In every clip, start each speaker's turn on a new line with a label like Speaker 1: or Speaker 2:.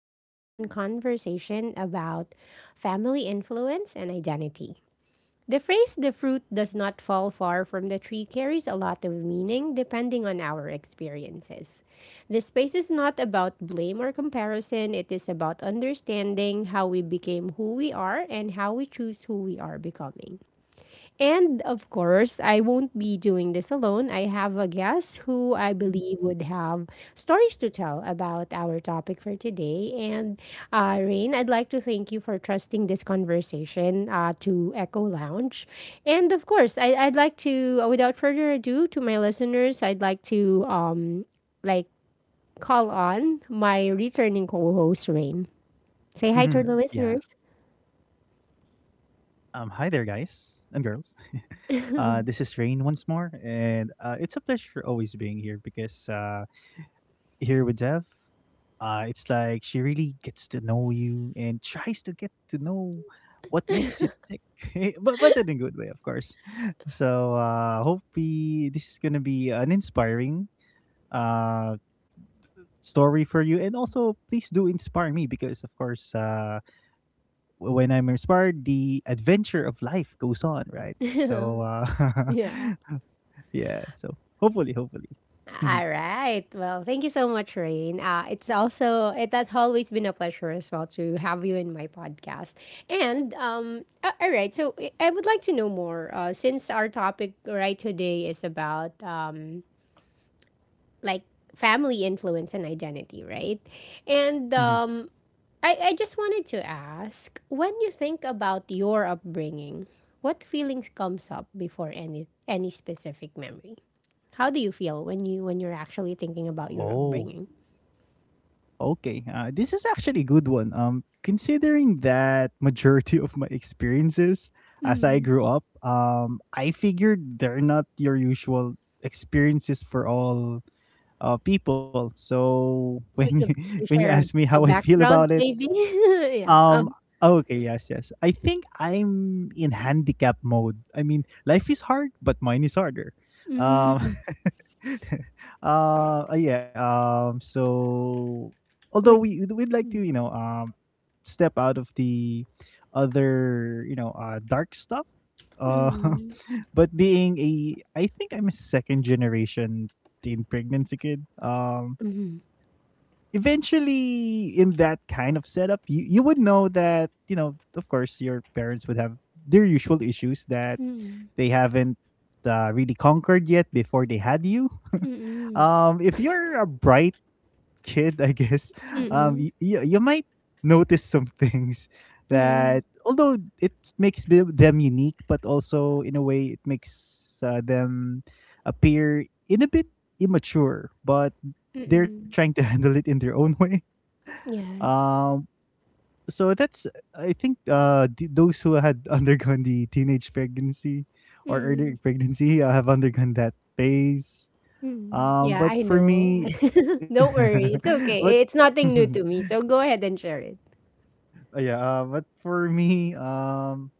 Speaker 1: a one on one conversation about family influence and identity. The phrase, the fruit does not fall far from the tree, carries a lot of meaning depending on our experiences. This space is not about blame or comparison, it is about understanding how we became who we are and how we choose who we are becoming. And of course, I won't be doing this alone. I have a guest who I believe would have stories to tell about our topic for today. And Rain, I'd like to thank you for trusting this conversation to Echo Lounge. And of course, I'd like to, without further ado, to my listeners, I'd like to like call on my returning
Speaker 2: Mhm.
Speaker 1: co-host Rain.
Speaker 2: Yeah.
Speaker 1: Say hi to the listeners.
Speaker 2: Hi there, guys and girls. This is Rain once more, and it's a pleasure always being here because here with Dev, it's like she really gets to know you and tries to get to know what makes you tick, but in a good way, of course. So, this is gonna be an inspiring uh story for you, and also please do inspire me because, of course, when I'm inspired, the adventure of life goes on, right? So,
Speaker 1: Yeah.
Speaker 2: yeah. So hopefully, hopefully.
Speaker 1: All right. Well, thank you so much, Rain. It has always been a pleasure as well to have you in my podcast. All right. So I would like to know more since our topic right today is about like family influence and identity, right? And
Speaker 2: Mhm.
Speaker 1: I just wanted to ask, when you think about your upbringing, what feelings comes up before any specific memory? How do you feel when you're actually thinking about your
Speaker 2: Oh.
Speaker 1: upbringing?
Speaker 2: Okay. This is actually a good one. Considering that majority of my experiences as I
Speaker 1: Mm.
Speaker 2: grew up, I figured they're not your usual experiences for all people. So when
Speaker 1: Would
Speaker 2: you
Speaker 1: you like
Speaker 2: when
Speaker 1: to
Speaker 2: you
Speaker 1: share
Speaker 2: ask me
Speaker 1: a,
Speaker 2: how
Speaker 1: a
Speaker 2: I feel about
Speaker 1: background,
Speaker 2: it.
Speaker 1: maybe? Yeah.
Speaker 2: Um. Oh, okay. Yes. Yes. I think I'm in handicap mode. I mean, life is hard, but mine is harder. Um.
Speaker 1: Mm.
Speaker 2: Yeah. So,
Speaker 1: would,
Speaker 2: although we'd like to,
Speaker 1: mm,
Speaker 2: step out of the other, dark stuff. Uh.
Speaker 1: mm,
Speaker 2: But being I think I'm a second generation teen pregnancy kid.
Speaker 1: mm, mm,
Speaker 2: Eventually, in that kind of setup, you would know that, you know of course, your parents would have their usual issues that
Speaker 1: mm,
Speaker 2: they haven't really conquered yet before they had you.
Speaker 1: mm,
Speaker 2: If you're a bright kid, I guess
Speaker 1: mm, mm,
Speaker 2: you might notice some things
Speaker 1: mm,
Speaker 2: that, although it makes them unique, but also in a way it makes them appear in a bit immature, but they're
Speaker 1: mm,
Speaker 2: trying to handle it in their own way.
Speaker 1: yes.
Speaker 2: Um, so that's, I think, those who had undergone the teenage pregnancy or
Speaker 1: Mm-hmm.
Speaker 2: early pregnancy have undergone that phase.
Speaker 1: Mm,
Speaker 2: Um,
Speaker 1: yeah,
Speaker 2: but
Speaker 1: I
Speaker 2: for
Speaker 1: know.
Speaker 2: me,
Speaker 1: Don't worry, it's
Speaker 2: but
Speaker 1: okay. It's
Speaker 2: uh,
Speaker 1: nothing new to me, so go ahead and share it.
Speaker 2: yeah, but for me,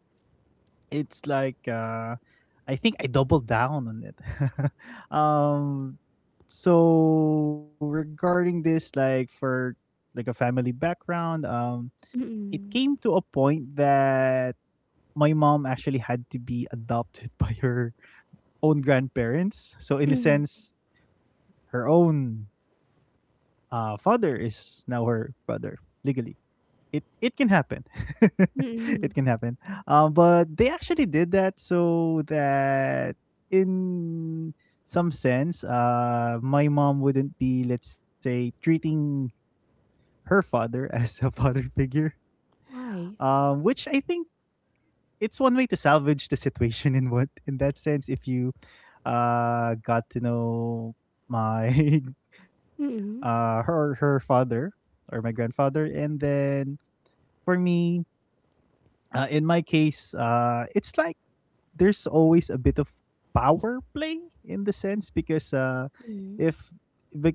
Speaker 2: it's like I think I doubled down on it. um, so regarding this, like a family background, it came
Speaker 1: Mm,
Speaker 2: to a point that my mom actually had to be adopted by her own grandparents. So in a
Speaker 1: mm,
Speaker 2: sense, her own father is now her brother legally. It can happen. It can
Speaker 1: mm.
Speaker 2: happen. But they actually did that so that, in some sense, my mom wouldn't be, let's say, treating her father as a father figure.
Speaker 1: Why?
Speaker 2: Which I think it's one way to salvage the situation, in what, in that sense, if you got to know my
Speaker 1: Mm,
Speaker 2: her father, or my grandfather, and then for me, in my case, it's like there's always a bit of power play, in the sense, because
Speaker 1: mm,
Speaker 2: if,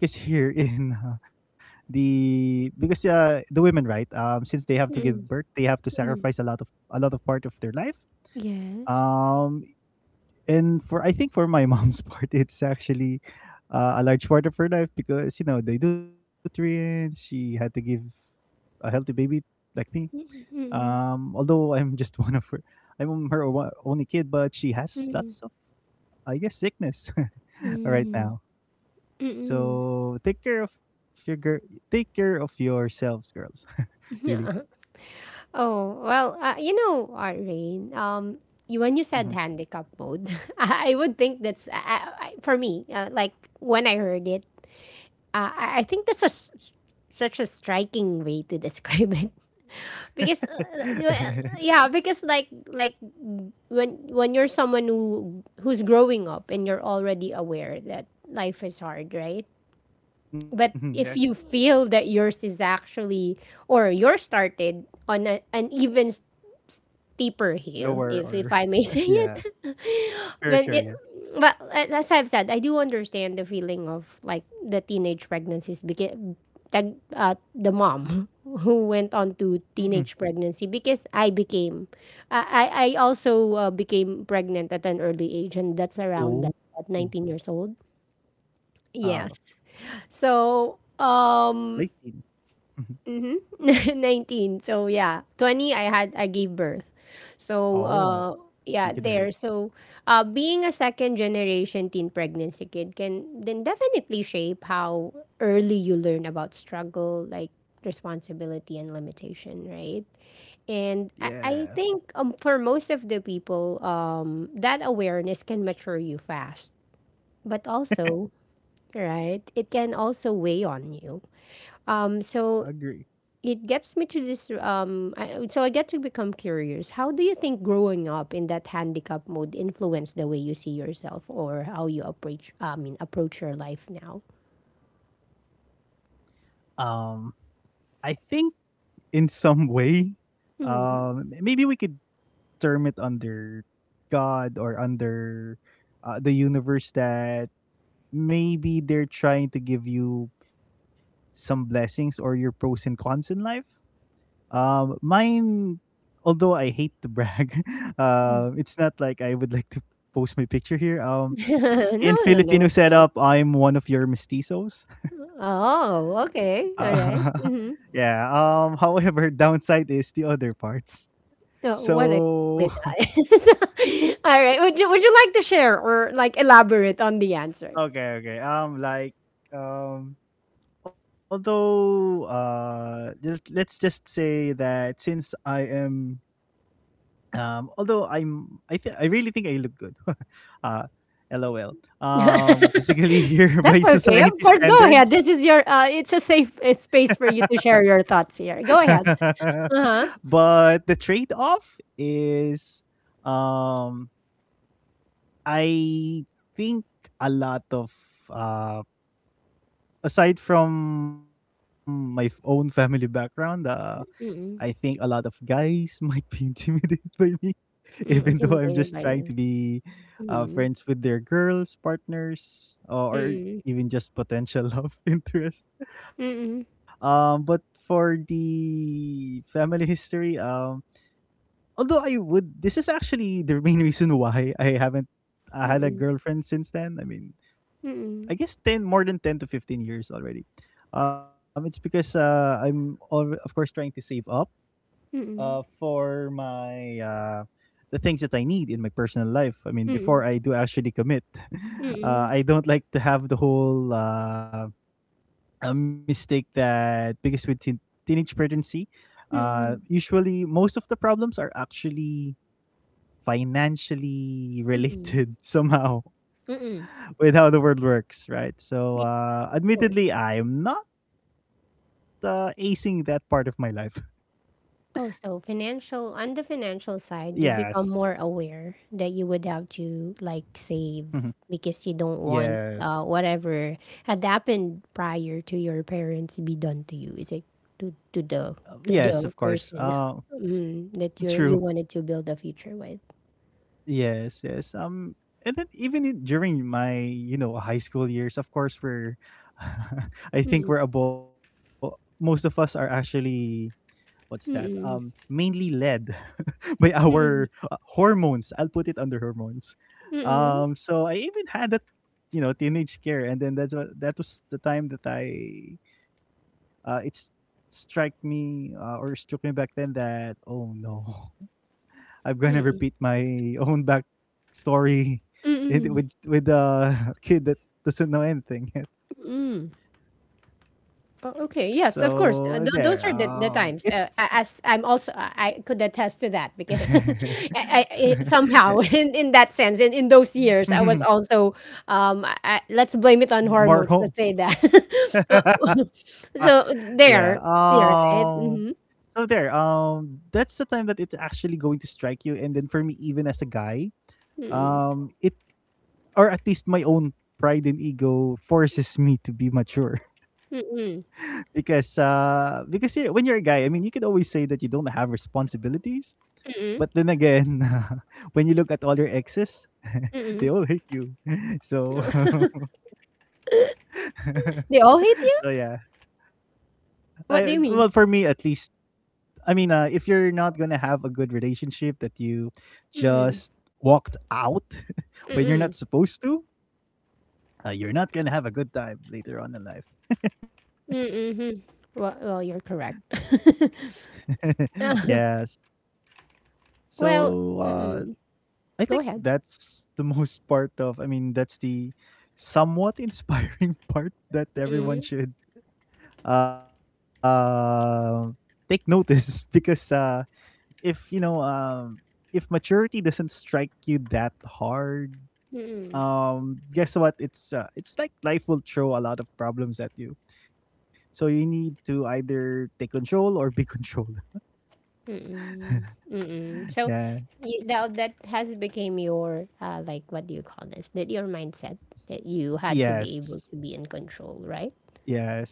Speaker 2: because here in, the, because the women, right? Since they have to
Speaker 1: mm,
Speaker 2: give birth, they have to
Speaker 1: mm.
Speaker 2: sacrifice a lot of part of their life.
Speaker 1: Yes.
Speaker 2: Um and for, I think, for my mom's part, it's actually a large part of her life because, you know, the nutrients she had to give a healthy baby like me.
Speaker 1: Mm, mm,
Speaker 2: Although I'm just one of her, I'm her only kid, but she has
Speaker 1: mm,
Speaker 2: lots of, I guess, sickness right
Speaker 1: mm,
Speaker 2: now.
Speaker 1: mm.
Speaker 2: So take care of your girl. Take care of yourselves, girls. really.
Speaker 1: Yeah. Oh, well, Rain, when you said
Speaker 2: Mhm.
Speaker 1: handicap mode, I would think that's, I- for me, when I heard it, I think that's such a striking way to describe it because yeah, because when you're someone who's growing up and you're already aware that life is hard, right? But
Speaker 2: Mhm,
Speaker 1: if
Speaker 2: yes.
Speaker 1: you feel that yours is actually or yours started on an even steeper hill,
Speaker 2: Lower
Speaker 1: if I
Speaker 2: or
Speaker 1: may say it.
Speaker 2: yeah.
Speaker 1: but
Speaker 2: Sure,
Speaker 1: it,
Speaker 2: sure, yeah.
Speaker 1: but as I've said, I do understand the feeling of the teenage pregnancies because tag, the mom who went on to
Speaker 2: Mhm.
Speaker 1: teenage pregnancy because I became I also became pregnant at an early age and
Speaker 2: Oh.
Speaker 1: at 19 years old.
Speaker 2: Uh,
Speaker 1: Yes. So,
Speaker 2: late teen. Mhm.
Speaker 1: Mm-hmm. 19. So yeah, 20 I gave birth. So
Speaker 2: Oh,
Speaker 1: yeah,
Speaker 2: you can
Speaker 1: there.
Speaker 2: relate.
Speaker 1: So being a second generation teen pregnancy kid can then definitely shape how early you learn about struggle like responsibility and limitation, right? And I
Speaker 2: Yeah,
Speaker 1: think for most of the people, that awareness can mature you fast, but also, right, it can also weigh on you.
Speaker 2: I
Speaker 1: So
Speaker 2: agree.
Speaker 1: it gets me to this I, so I get to become curious, how do you think growing up in that handicap mode influenced the way you see yourself or how you approach I mean approach your life now?
Speaker 2: Um, I think, in some way,
Speaker 1: Mm.
Speaker 2: maybe we could term it under God, or under the universe, that maybe they're trying to give you some blessings or your pros and cons in life. Mine, although I hate to brag, it's not like I would like to post my picture here. Um,
Speaker 1: No,
Speaker 2: in
Speaker 1: no, no,
Speaker 2: Filipino
Speaker 1: of course.
Speaker 2: setup, I'm one of your mestizos.
Speaker 1: Oh, okay,
Speaker 2: Uh,
Speaker 1: all right. Mm-hmm.
Speaker 2: yeah. However, downside is the other parts.
Speaker 1: No, what exactly
Speaker 2: So,
Speaker 1: that is, all right, would you like to share or elaborate on the answer?
Speaker 2: okay, okay. Um, although, let's just say that since I am, although I think I really think I look good, uh lol, physically, here by
Speaker 1: That's okay, of
Speaker 2: society
Speaker 1: course, go ahead.
Speaker 2: standards.
Speaker 1: This is your it's a safe space for you to share your thoughts here, go ahead. Uh-huh,
Speaker 2: But the trade-off is, um I think a lot of, uh aside from my own family background, I think a
Speaker 1: mm,
Speaker 2: lot of guys might be intimidated by me,
Speaker 1: mm,
Speaker 2: even though I'm
Speaker 1: intimidated
Speaker 2: just
Speaker 1: ba
Speaker 2: trying to
Speaker 1: yun?
Speaker 2: be
Speaker 1: Mm,
Speaker 2: friends with their girls, partners, or
Speaker 1: mm,
Speaker 2: even just potential love interest.
Speaker 1: mm,
Speaker 2: But for the family history, although I would, this is actually the main reason why I haven't
Speaker 1: mm,
Speaker 2: I had a girlfriend since then. I mean,
Speaker 1: mm,
Speaker 2: I guess ten more than 10 to 15 years already. It's because, I'm all, of course, trying to save up
Speaker 1: mm,
Speaker 2: for my the things that I need in my personal life. I mean,
Speaker 1: mm,
Speaker 2: before I do actually commit,
Speaker 1: mm,
Speaker 2: I don't like to have the whole, a mistake, that because with teenage pregnancy,
Speaker 1: mm,
Speaker 2: usually most of the problems are actually financially
Speaker 1: mm,
Speaker 2: related somehow
Speaker 1: mm.
Speaker 2: with how the world works, right? So,
Speaker 1: Yes, of course.
Speaker 2: admittedly, I am not acing that part of my life.
Speaker 1: Oh, so financial on the financial side,
Speaker 2: Yes.
Speaker 1: you become more aware that you would have to, like,
Speaker 2: Mhm.
Speaker 1: save because you don't want,
Speaker 2: Yes.
Speaker 1: whatever had happened prior to your parents be done to you. It's like to to
Speaker 2: Uh,
Speaker 1: the
Speaker 2: yes, of
Speaker 1: to the
Speaker 2: course.
Speaker 1: person, that
Speaker 2: True.
Speaker 1: you wanted to build a future with.
Speaker 2: Yes, yes. And then even during my, high school years, of course, we're I think we're about most of us are actually, what's that? Um,
Speaker 1: Mm,
Speaker 2: mainly led by our
Speaker 1: mm,
Speaker 2: hormones. I'll put it under hormones.
Speaker 1: mm.
Speaker 2: So I even had that, you know, teenage scare, and then that was the time that I, it's strike me, or struck me back then that, oh no, I'm gonna repeat my own back story, with a kid that doesn't know anything yet.
Speaker 1: Oh, okay.
Speaker 2: So
Speaker 1: Yes, of
Speaker 2: there,
Speaker 1: course. Those are the
Speaker 2: it's
Speaker 1: times. As I'm also, I could attest to that because
Speaker 2: yeah.
Speaker 1: somehow in that sense, in those years, I was also, let's blame it on
Speaker 2: more
Speaker 1: hormones.
Speaker 2: home.
Speaker 1: Let's say that. Uh, so
Speaker 2: yeah.
Speaker 1: there, you're right. Mm-hmm.
Speaker 2: So there. That's the time that it's actually going to strike you, and then for me, even as a guy, it or at least my own pride and ego forces me to be mature.
Speaker 1: Mm-mm,
Speaker 2: Because when you're a guy, I mean, you could always say that you don't have responsibilities, but
Speaker 1: mm-mm,
Speaker 2: then again, when you look at all your exes, they
Speaker 1: mm-mm.
Speaker 2: all hate you. So
Speaker 1: They all hate you.
Speaker 2: yeah. I well, for me
Speaker 1: What do
Speaker 2: at
Speaker 1: you
Speaker 2: least.
Speaker 1: mean?
Speaker 2: I mean, if you're not going to have a good relationship that you just
Speaker 1: Mm-mm,
Speaker 2: walked out when you're not supposed to, you're not going to have a good time later on in life.
Speaker 1: mm-mm. Well, you're correct. Uh,
Speaker 2: yes.
Speaker 1: well,
Speaker 2: So,
Speaker 1: mm-mm.
Speaker 2: I think
Speaker 1: Go ahead.
Speaker 2: that's the most part of I mean, that's the somewhat inspiring part that everyone should uh, take notice, because, if you know um, if maturity doesn't strike you that hard, guess what? It's like life will throw a lot of problems at you. So you need to either take control or be controlled.
Speaker 1: Mm-mm. So
Speaker 2: Yeah.
Speaker 1: that has become your what do you call this? That your mindset that you had to be able to be in
Speaker 2: Yes.
Speaker 1: control, right?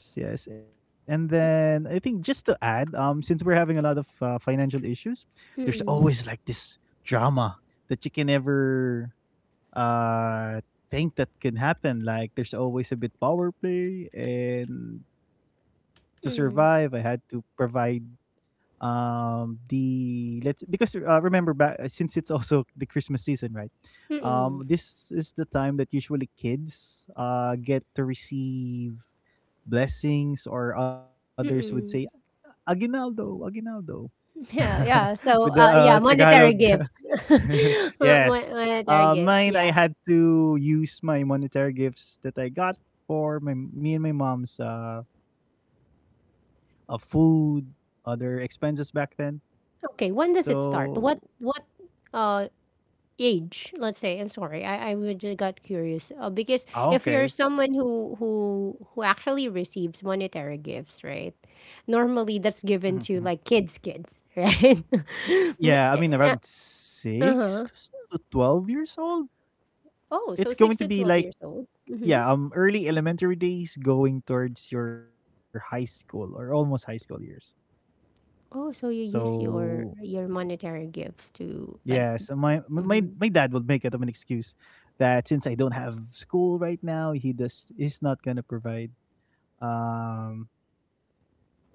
Speaker 2: Yes, yes. And then I think, just to add, since we're having a lot of financial issues, there's always like this drama that you can never uh think that can happen. Like there's always a bit power play, and to survive, I
Speaker 1: Mm.
Speaker 2: had to provide, the let's because, remember back, since it's also the Christmas season, right? um
Speaker 1: Mm-mm.
Speaker 2: this is the time that usually kids get to receive blessings, or others would say,
Speaker 1: Mm-mm.
Speaker 2: aguinaldo, aguinaldo,
Speaker 1: Yeah, yeah.
Speaker 2: with the
Speaker 1: So, yeah,
Speaker 2: Tagalog.
Speaker 1: monetary gifts. Mon-
Speaker 2: yes.
Speaker 1: Monetary
Speaker 2: uh
Speaker 1: gifts. Yeah.
Speaker 2: mine I had to use my monetary gifts that I got for my me and my mom's food, other expenses back then.
Speaker 1: Okay. When does it start? What?
Speaker 2: So.
Speaker 1: What? uh Age, let's say. I'm sorry, I would just got curious because if you're
Speaker 2: Oh,
Speaker 1: someone
Speaker 2: okay.
Speaker 1: who actually receives monetary gifts, right? Normally that's
Speaker 2: Mhm,
Speaker 1: given to
Speaker 2: mhm.
Speaker 1: like kids, right? N-
Speaker 2: Yeah, I mean
Speaker 1: uh,
Speaker 2: around
Speaker 1: uh-huh.
Speaker 2: 6 to to 12 years old.
Speaker 1: Oh, so 6 to
Speaker 2: It's
Speaker 1: 12
Speaker 2: going to
Speaker 1: years
Speaker 2: be
Speaker 1: old.
Speaker 2: like,
Speaker 1: Mm-hmm.
Speaker 2: yeah, early elementary days going towards your high school or almost high school years.
Speaker 1: Oh, so you use your
Speaker 2: So
Speaker 1: your monetary gifts to
Speaker 2: yeah, so my
Speaker 1: mm-hmm.
Speaker 2: my my my dad would make it of an excuse that, since I don't have school right now, he does is not gonna provide um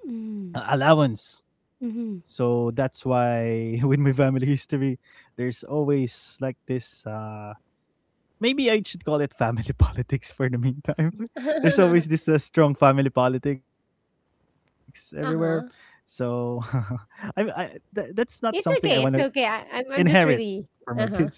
Speaker 1: Mm.
Speaker 2: allowance.
Speaker 1: Mm-hmm.
Speaker 2: So that's why, with my family history, there's always like this, maybe I should call it, family politics for the meantime. There's always this strong family politics everywhere. So
Speaker 1: Uh-huh.
Speaker 2: I I that's not something I want to
Speaker 1: It's okay, it's okay.
Speaker 2: inherit
Speaker 1: I'm just
Speaker 2: for my
Speaker 1: really.
Speaker 2: kids.
Speaker 1: Uh-huh.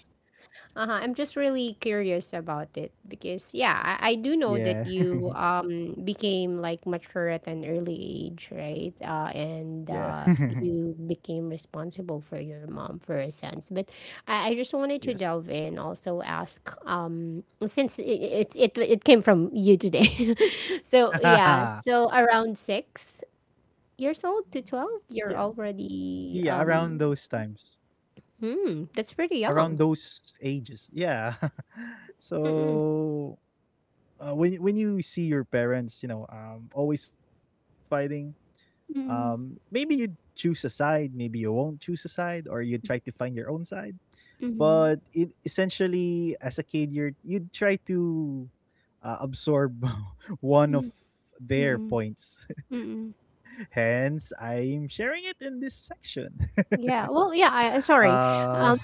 Speaker 1: Uh-huh. I'm just really curious about it because yeah, I do know
Speaker 2: Yeah.
Speaker 1: that you became mature at an early age, right?
Speaker 2: yeah.
Speaker 1: And you became responsible for your mom for a sense. But I just
Speaker 2: yes.
Speaker 1: wanted to delve in, also ask since it came from you today. So yeah, so around 6 years old to
Speaker 2: yeah.
Speaker 1: 12, you're
Speaker 2: Yeah,
Speaker 1: already
Speaker 2: around those times.
Speaker 1: hmm, that's pretty
Speaker 2: Around
Speaker 1: young.
Speaker 2: those ages. Yeah.
Speaker 1: Mm-mm.
Speaker 2: So, when you see your parents, always fighting, maybe you'd choose a side, maybe you won't choose a side, or you try to find your own side. But
Speaker 1: Mm-mm.
Speaker 2: it, essentially, as a kid, you'd try to absorb one of
Speaker 1: Mm,
Speaker 2: their
Speaker 1: Mm-mm.
Speaker 2: points.
Speaker 1: Mm-mm.
Speaker 2: Hence, I'm sharing it in this section.
Speaker 1: Yeah. Well, yeah, sorry.
Speaker 2: Uh,
Speaker 1: Um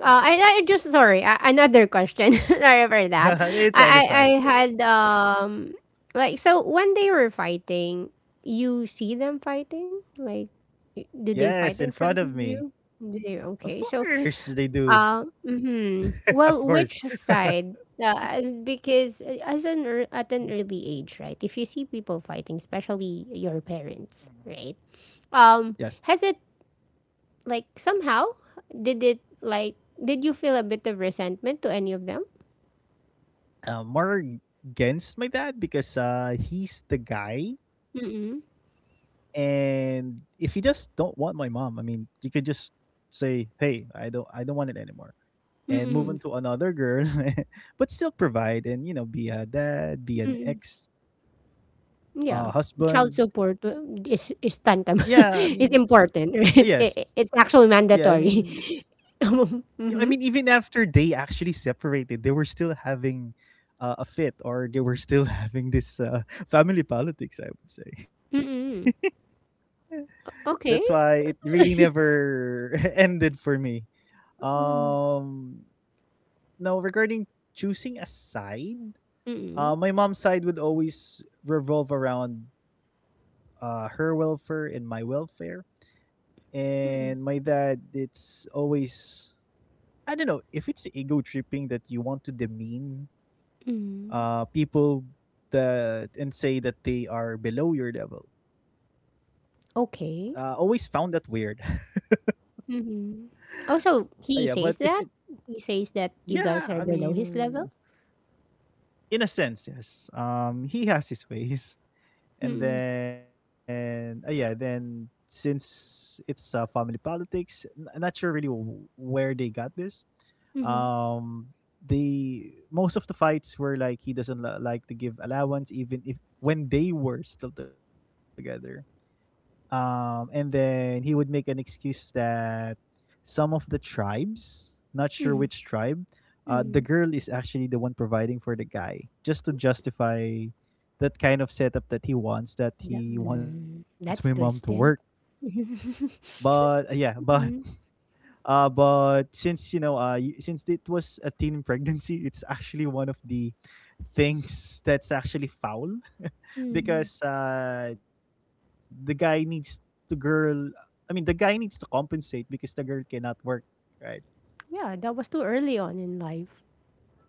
Speaker 1: I just sorry. Another question. Sorry for that.
Speaker 2: it's
Speaker 1: I,
Speaker 2: fine, it's
Speaker 1: I
Speaker 2: fine.
Speaker 1: I had so when they were fighting, you see them fighting?
Speaker 2: Yes,
Speaker 1: Do
Speaker 2: in
Speaker 1: they
Speaker 2: front
Speaker 1: fight
Speaker 2: of
Speaker 1: in front
Speaker 2: me.
Speaker 1: of you?
Speaker 2: Of
Speaker 1: Okay. So,
Speaker 2: course, they do.
Speaker 1: mhm.
Speaker 2: of
Speaker 1: Well,
Speaker 2: course.
Speaker 1: which side? Because at an early age, right? If you see people fighting, especially your
Speaker 2: Mhm.
Speaker 1: parents, right?
Speaker 2: Yes.
Speaker 1: Um, has it like somehow, did it like did you feel a bit of resentment to any of them?
Speaker 2: More against my dad because he's the guy,
Speaker 1: Mm-mm.
Speaker 2: and if you just don't want my mom, I mean, you could just say, "Hey, I don't want it anymore," and move on
Speaker 1: Mm-mm.
Speaker 2: to another girl, but still provide and you know, be a dad, be an
Speaker 1: Mm-mm.
Speaker 2: ex
Speaker 1: Yeah. Child
Speaker 2: husband.
Speaker 1: support is
Speaker 2: Yeah, I
Speaker 1: tantam
Speaker 2: mean,
Speaker 1: is important,
Speaker 2: yes,
Speaker 1: right? It's
Speaker 2: yeah,
Speaker 1: actually
Speaker 2: I mean,
Speaker 1: mandatory.
Speaker 2: Yeah, I mean,
Speaker 1: Mm-hmm.
Speaker 2: even after they actually separated, they were still having a fit, or they were still having this family politics. I would say
Speaker 1: Mm-mm.
Speaker 2: that's why it
Speaker 1: Okay.
Speaker 2: really never ended for me.
Speaker 1: Mm.
Speaker 2: Um, Now regarding choosing a side,
Speaker 1: Mm-mm.
Speaker 2: my mom's side would always revolve around her welfare, and my
Speaker 1: Mm-mm.
Speaker 2: dad. It's always, I don't know if it's ego tripping that you want to demean
Speaker 1: Mm.
Speaker 2: people that and say that they are below your level. Always
Speaker 1: Okay.
Speaker 2: found that weird.
Speaker 1: Mm-hmm.
Speaker 2: Yeah,
Speaker 1: Also,
Speaker 2: but if it,
Speaker 1: he says that
Speaker 2: yeah,
Speaker 1: you
Speaker 2: I
Speaker 1: guys are below his
Speaker 2: mean,
Speaker 1: level.
Speaker 2: in a sense, yes. He has his ways, and
Speaker 1: Mm-mm.
Speaker 2: then yeah, then since it's family politics, not sure really where they got this.
Speaker 1: Mm-hmm.
Speaker 2: Um, they most of the fights were like he doesn't like to give allowance, even if when they were still together and then he would make an excuse that some of the tribes, not sure which
Speaker 1: Mm-hmm.
Speaker 2: tribe, the
Speaker 1: Mm-hmm.
Speaker 2: girl is actually the one providing for the guy, just to justify that kind of setup that he wants my mom to work.
Speaker 1: That's twisted.
Speaker 2: But yeah, but
Speaker 1: Mhm,
Speaker 2: since you know, since it was a teen pregnancy, it's actually one of the things that's actually foul
Speaker 1: mhm.
Speaker 2: because the guy needs the girl. I mean, the guy needs to compensate because the girl cannot work, right?
Speaker 1: Yeah, that was too early on in life.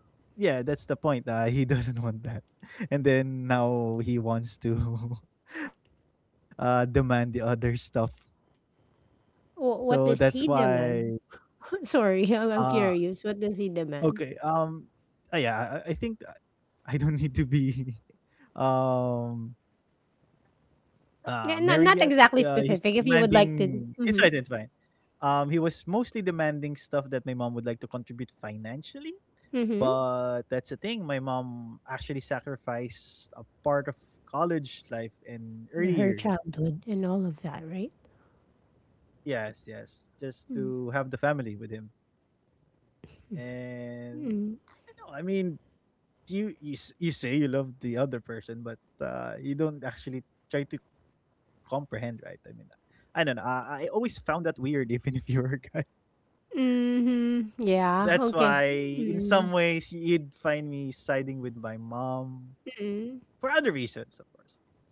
Speaker 2: Yeah, that's the point. He doesn't want that, and then now he wants to demand the other stuff. So that's
Speaker 1: What does he
Speaker 2: why.
Speaker 1: demand? Sorry, I'm
Speaker 2: Uh,
Speaker 1: I'm curious. What does he demand?
Speaker 2: okay. I think I don't need to be um married yet.
Speaker 1: Yeah, not not
Speaker 2: He's
Speaker 1: exactly specific. If you would
Speaker 2: demanding.
Speaker 1: like
Speaker 2: It's
Speaker 1: to,
Speaker 2: fine. It's fine.
Speaker 1: mm-hmm,
Speaker 2: He was mostly demanding stuff that my mom would like to contribute financially,
Speaker 1: mm-hmm.
Speaker 2: but that's the thing. My mom actually sacrificed a part of college life in early
Speaker 1: Her
Speaker 2: years.
Speaker 1: childhood and all of that, right?
Speaker 2: Yes, yes, just to have the family with him, and
Speaker 1: Mm-hmm.
Speaker 2: I don't know. I mean, you say you love the other person, but you don't actually try to comprehend, right? I mean, I don't know. I always found that weird, even if you were a guy.
Speaker 1: Mm-hmm. Yeah.
Speaker 2: That's why,
Speaker 1: Okay.
Speaker 2: in some
Speaker 1: Mm-hmm.
Speaker 2: ways, you'd find me siding with my mom for other reasons, of course.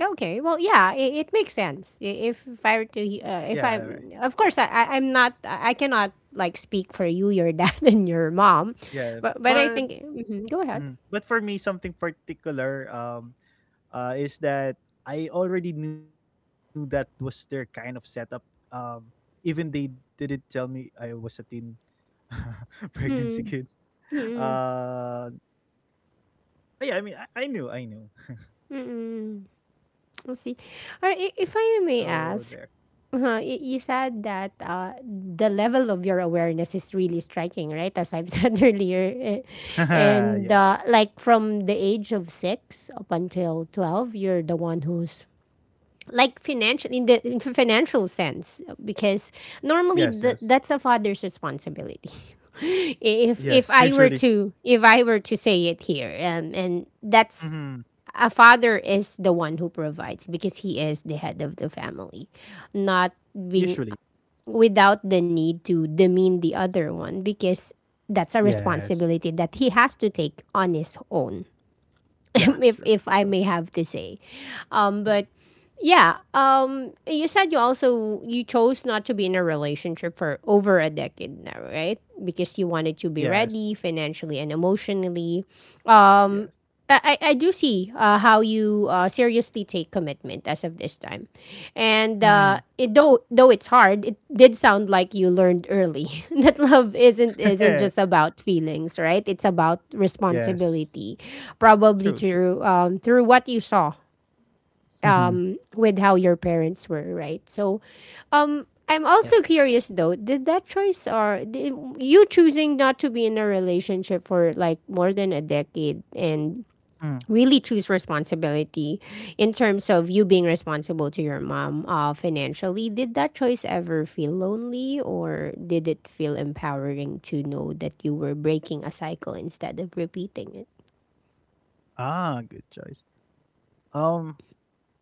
Speaker 1: Okay. Well, yeah, it makes sense. I- if I were to, he-
Speaker 2: Yeah,
Speaker 1: if
Speaker 2: right.
Speaker 1: I'm, Of course, I I'm not, I cannot speak for you, your dad, and your mom,
Speaker 2: Yeah,
Speaker 1: but I think
Speaker 2: but
Speaker 1: mhm, go ahead.
Speaker 2: mhm. But for me, something particular is that I already knew that was their kind of setup. Um, even they didn't tell me I was a teen
Speaker 1: Mm,
Speaker 2: pregnancy kid.
Speaker 1: mm,
Speaker 2: Uh, yeah, I mean, I knew, I knew.
Speaker 1: mm. Let's see.
Speaker 2: So
Speaker 1: If
Speaker 2: there.
Speaker 1: I may ask, you said that the level of your awareness is really striking, right? As I've said earlier, eh, and
Speaker 2: Yeah.
Speaker 1: from the age of six up until 12, you're the one who's like financial in the in the financial sense because
Speaker 2: Yes,
Speaker 1: normally
Speaker 2: yes,
Speaker 1: that's a father's responsibility. If
Speaker 2: yes.
Speaker 1: I were
Speaker 2: Usually,
Speaker 1: to if I were to say it here, and that's
Speaker 2: hmm
Speaker 1: a father is the one who provides because he is the head of the family, not
Speaker 2: usually,
Speaker 1: being without the need to demean the other one because that's a
Speaker 2: yes.
Speaker 1: responsibility that he has to take on his own. if
Speaker 2: Yeah,
Speaker 1: if I
Speaker 2: true,
Speaker 1: may have
Speaker 2: true.
Speaker 1: to say. But
Speaker 2: Mhm.
Speaker 1: yeah, you said you also you chose not to be in a relationship for over a decade now, right? Because you wanted to be ready
Speaker 2: Yes,
Speaker 1: financially and emotionally.
Speaker 2: yes.
Speaker 1: I do see how you seriously take commitment as of this time, and
Speaker 2: Hmm.
Speaker 1: though it's hard, it did sound like you learned early that love isn't just about feelings, right? It's about responsibility,
Speaker 2: Yes,
Speaker 1: probably
Speaker 2: true, true.
Speaker 1: through what you saw
Speaker 2: Hmm.
Speaker 1: with how your parents were, right? So, I'm also
Speaker 2: Yes.
Speaker 1: curious though, did that choice or did, you choosing not to be in a relationship for more than a decade and really
Speaker 2: Mm.
Speaker 1: choose responsibility in terms of you being responsible to your mom financially, did that choice ever feel lonely or did it feel empowering to know that you were breaking a cycle instead of repeating it?
Speaker 2: Ah, good choice. Um,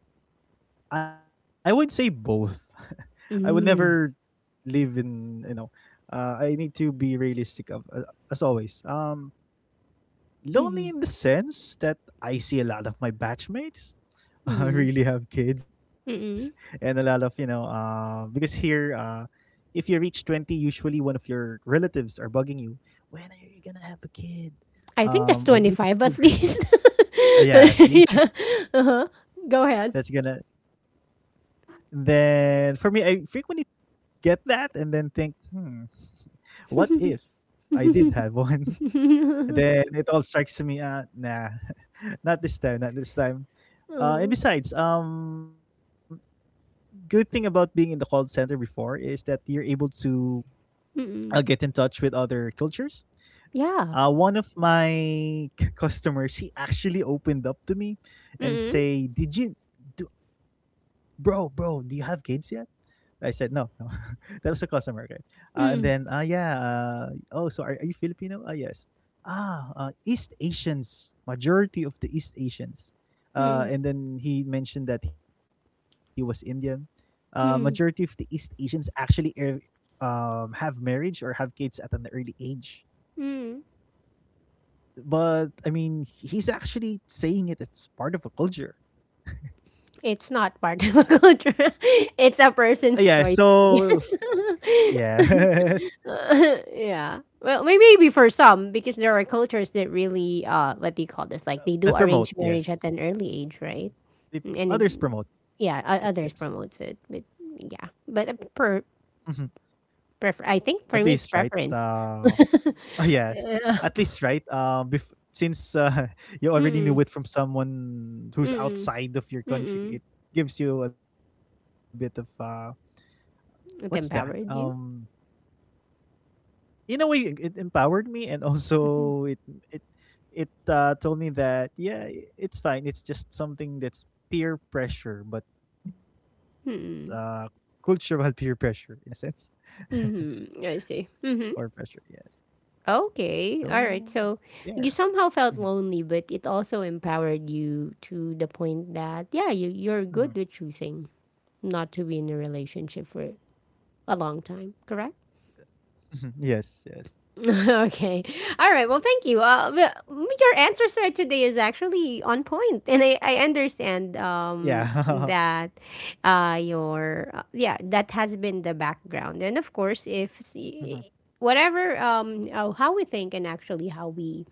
Speaker 2: I would say both. I would
Speaker 1: Mm.
Speaker 2: never live in you know I need to be realistic of as always
Speaker 1: Mm-hmm.
Speaker 2: lonely in the sense that I see a lot of my batchmates I
Speaker 1: Mm-hmm.
Speaker 2: really have kids and a lot
Speaker 1: Mm-hmm.
Speaker 2: of you know because here if you reach 20 usually one of your relatives are bugging you, when are you gonna have a kid,
Speaker 1: I think that's
Speaker 2: or did you
Speaker 1: 25
Speaker 2: have a
Speaker 1: at
Speaker 2: gir-"
Speaker 1: least.
Speaker 2: Yeah see
Speaker 1: Yeah. Go ahead.
Speaker 2: that's gonna, then for me I frequently get that and then think, hmm, what if I did have one? And then it all strikes to me, nah, not this time, not this time. And besides, good thing about being in the call center before is that you're able to get in
Speaker 1: Mm-mm.
Speaker 2: touch with other cultures.
Speaker 1: Yeah.
Speaker 2: One of my customers, he actually opened up to me and
Speaker 1: Mm-mm.
Speaker 2: say, " bro, bro, do you have kids yet?" I said, no, no. That was a customer, okay. And then,
Speaker 1: Mm-mm.
Speaker 2: yeah, oh, so are you Filipino? Ah, yes. Ah, East Asians, majority of the East Asians.
Speaker 1: Mm-mm.
Speaker 2: And then he mentioned that he was Indian. Majority of the East
Speaker 1: Mm-mm.
Speaker 2: Asians actually have marriage or have kids at an early age.
Speaker 1: Mm-mm.
Speaker 2: But I mean, he's actually saying it. It's part of a culture.
Speaker 1: It's not part of a culture.
Speaker 2: Yeah.
Speaker 1: It's a person's
Speaker 2: So
Speaker 1: choice, I guess.
Speaker 2: yeah,
Speaker 1: Yeah. Well, maybe for some, because there are cultures that really, what do you call this? Like
Speaker 2: that
Speaker 1: they do
Speaker 2: promote.
Speaker 1: arrange
Speaker 2: Yes.
Speaker 1: marriage at an early age,
Speaker 2: Mm.
Speaker 1: right? And it,
Speaker 2: Others promote it,
Speaker 1: yeah,
Speaker 2: yes.
Speaker 1: others promote it, but yeah, but a per
Speaker 2: Mhm.
Speaker 1: prefer.
Speaker 2: At
Speaker 1: I think
Speaker 2: least,
Speaker 1: for
Speaker 2: right?
Speaker 1: me, it's preference.
Speaker 2: Yes. At
Speaker 1: Yeah.
Speaker 2: least, right? Since you already
Speaker 1: Mm-mm.
Speaker 2: knew it from someone who's
Speaker 1: Mm-mm.
Speaker 2: outside of your country,
Speaker 1: Mm-mm.
Speaker 2: it gives you a bit of what's that?
Speaker 1: It empowered you.
Speaker 2: In a way, it empowered me, and also it it told me that yeah, it's fine. It's just something that's peer pressure, but uh,
Speaker 1: Mm-mm.
Speaker 2: cultural peer pressure in a sense,
Speaker 1: Mm-hmm. I see.
Speaker 2: or pressure.
Speaker 1: Mm-hmm.
Speaker 2: Yes.
Speaker 1: Okay.
Speaker 2: So
Speaker 1: All right. So
Speaker 2: there.
Speaker 1: you somehow
Speaker 2: Mhm,
Speaker 1: felt lonely, but it also empowered you to the point that, yeah, you're
Speaker 2: mhm, mhm.
Speaker 1: good with choosing not to be in a relationship for a long time, correct?
Speaker 2: Yes, yes.
Speaker 1: Okay. All right. Well, thank you. Your answers right today is actually on point, and I understand
Speaker 2: Yeah.
Speaker 1: that your, yeah, that has been the background. And of course, if,
Speaker 2: Mhm,
Speaker 1: s- whatever, how we think and actually how we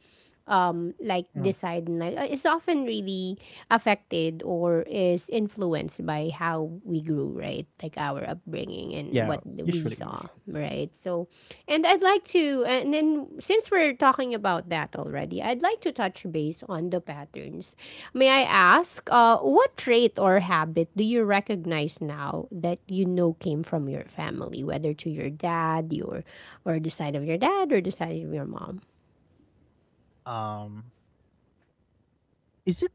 Speaker 1: like
Speaker 2: mhm.
Speaker 1: decide na is often really affected or is influenced by how we grew, right? Like our
Speaker 2: Yeah.
Speaker 1: upbringing and what
Speaker 2: Usually, usually.
Speaker 1: we saw, right? So, and I'd like to, and then since we're talking about that already, I'd like to touch base on the patterns. May I ask, what trait or habit do you recognize now that you know came from your family, whether to your dad, your, or the side of your dad, or the side of your mom?
Speaker 2: Um, is it?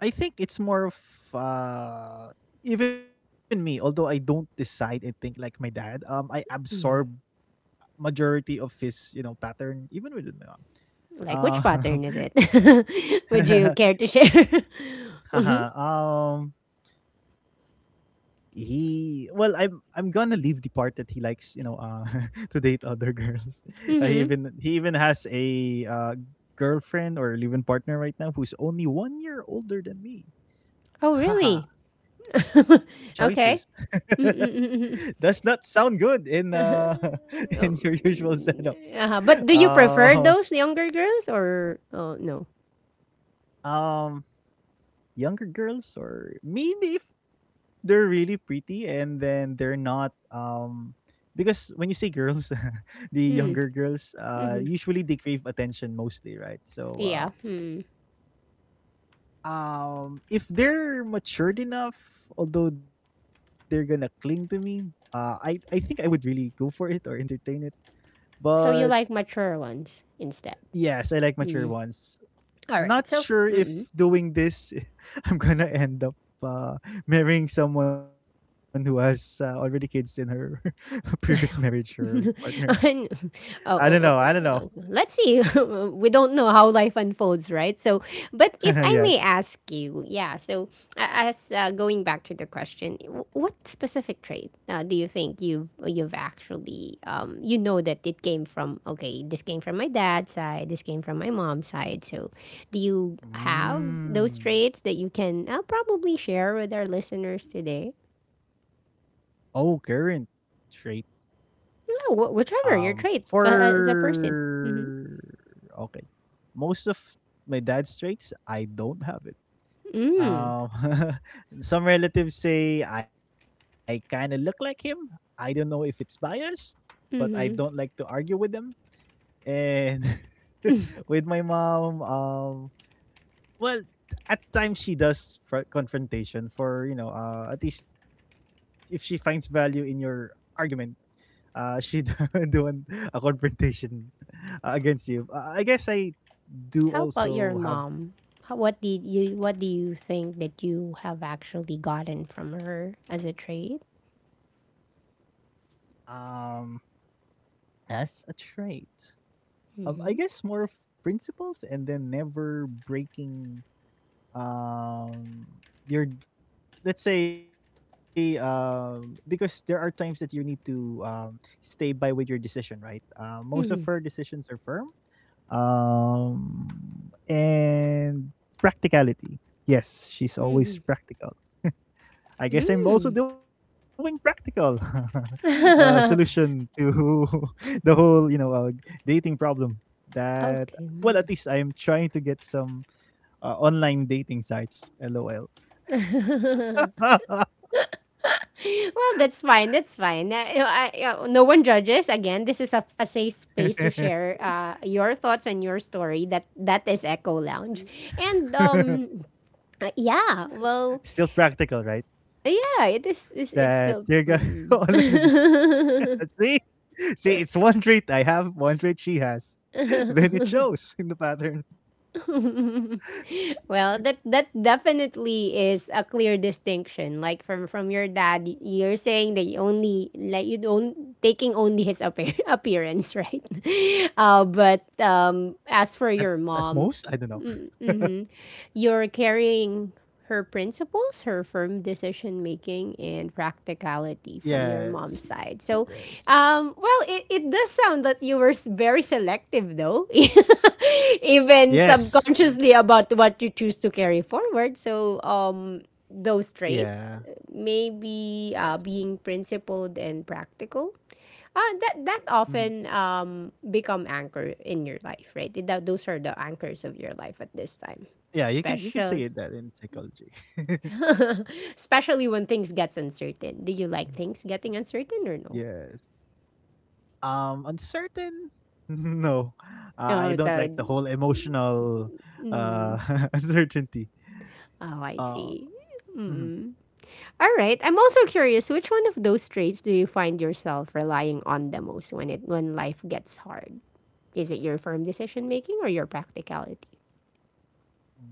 Speaker 2: I think it's more of uh, even me. Although I don't decide and think like my dad. I absorb majority of his, you know, pattern even with my mom.
Speaker 1: Like which
Speaker 2: Uh,
Speaker 1: pattern is it? Would you care to share? Mhm.
Speaker 2: um, he well I'm gonna leave the part that he likes you know to date other girls
Speaker 1: Mhm.
Speaker 2: he even has a girlfriend or live-in partner right now who's only 1 year older than me.
Speaker 1: Oh, really?
Speaker 2: Haha, choices
Speaker 1: Okay.
Speaker 2: does
Speaker 1: Mm-mm-mm-mm.
Speaker 2: not sound good in in your
Speaker 1: Oh,
Speaker 2: usual setup.
Speaker 1: uh-huh. But do you prefer
Speaker 2: Uh,
Speaker 1: those younger girls or oh no?
Speaker 2: um, younger girls or maybe if they're really pretty and then they're not um, because when you say girls the
Speaker 1: Hmm.
Speaker 2: younger girls
Speaker 1: Mhm.
Speaker 2: usually they crave attention mostly, right? So
Speaker 1: Yeah. Hmm.
Speaker 2: um, if they're matured enough, although they're gonna cling to me I think I would really go for it or entertain it,
Speaker 1: So
Speaker 2: but
Speaker 1: you like mature ones instead.
Speaker 2: yes, I like mature
Speaker 1: Mm.
Speaker 2: ones.
Speaker 1: All
Speaker 2: Not
Speaker 1: right. So,
Speaker 2: sure
Speaker 1: mm-mm.
Speaker 2: if doing this I'm gonna end up uh, marrying someone who has already kids in her previous marriage or partner.
Speaker 1: Oh,
Speaker 2: I don't
Speaker 1: oh,
Speaker 2: know. I don't
Speaker 1: oh,
Speaker 2: know.
Speaker 1: let's see. We don't know how life unfolds, right? So, but if I
Speaker 2: Yes.
Speaker 1: may ask you, yeah. So, a- as going back to the question, what specific trait do you think you've actually you know that it came from? Okay, this came from my dad's side. This came from my mom's side. So, do you have those
Speaker 2: Mm.
Speaker 1: traits that you can probably share with our listeners today?
Speaker 2: Oh, current trait.
Speaker 1: No, wh-
Speaker 2: Um,
Speaker 1: whichever your trait as a person.
Speaker 2: for
Speaker 1: Mm-hmm.
Speaker 2: okay, most of my dad's traits I don't have it.
Speaker 1: Mm.
Speaker 2: Um, some relatives say I kind of look like him. I don't know if it's biased, but I don't like to
Speaker 1: Mhm.
Speaker 2: argue with them. And with my mom, well, at times she does confrontation for you know, at least if she finds value in your argument, she do doing a confrontation against you. I guess I do
Speaker 1: How about
Speaker 2: also
Speaker 1: your
Speaker 2: have
Speaker 1: mom? What did you What do you think that you have actually gotten from her as a trait?
Speaker 2: um as a trait. Um, I guess
Speaker 1: Mhm.
Speaker 2: more of principles and then never breaking um your, let's say um, because there are times that you need to stay by with your decision, right? Uh, most of her
Speaker 1: Mhm.
Speaker 2: decisions are firm and practicality. Yes, she's always
Speaker 1: Mhm.
Speaker 2: practical. I guess I'm also
Speaker 1: Mm.
Speaker 2: doing practical solution to the whole, you know, dating problem. That,
Speaker 1: Okay.
Speaker 2: well, at
Speaker 1: Mm.
Speaker 2: least I'm trying to get some online dating sites. LOL.
Speaker 1: Well, that's fine. That's fine. You know, you know, no one judges. Again, this is a safe space to share your thoughts and your story. That that is Echo Lounge, and yeah. Well,
Speaker 2: Still practical, right?
Speaker 1: yeah. It
Speaker 2: That
Speaker 1: is.
Speaker 2: you're gonna
Speaker 1: It's still.
Speaker 2: online dating.
Speaker 1: Mm.
Speaker 2: See, see, it's one trait I have, one trait she has. Then it shows in the pattern.
Speaker 1: Well, that that definitely is a clear distinction. From from your dad, you're saying that you only like you don't taking only his appear- appearance, right? But
Speaker 2: At
Speaker 1: As for
Speaker 2: at
Speaker 1: your
Speaker 2: most, I don't
Speaker 1: mom,
Speaker 2: know.
Speaker 1: hmm, you're carrying her principles, her firm decision making, and practicality
Speaker 2: Yes,
Speaker 1: from your mom's side.
Speaker 2: yes,
Speaker 1: So, well, it does sound that you were very selective, though, even
Speaker 2: yes.
Speaker 1: subconsciously about what you choose to carry forward. So, those
Speaker 2: Yeah.
Speaker 1: traits,
Speaker 2: Yes.
Speaker 1: maybe being principled and practical that that
Speaker 2: Mhm.
Speaker 1: often become anchor in your life, right? That, those are the anchors of your life at this time.
Speaker 2: Yeah, you can say it
Speaker 1: Special,
Speaker 2: that in psychology.
Speaker 1: especially when things gets uncertain. Do you like things getting
Speaker 2: Yes.
Speaker 1: uncertain or no?
Speaker 2: Uncertain? No. Uh, I don't
Speaker 1: Oh,
Speaker 2: like the whole
Speaker 1: sorry.
Speaker 2: emotional uh uncertainty.
Speaker 1: Oh, I
Speaker 2: Uh,
Speaker 1: see.
Speaker 2: mhm.
Speaker 1: All right. I'm also curious. Which one of those traits do you find yourself relying on the most when life gets hard? Is it your firm decision making or your practicality?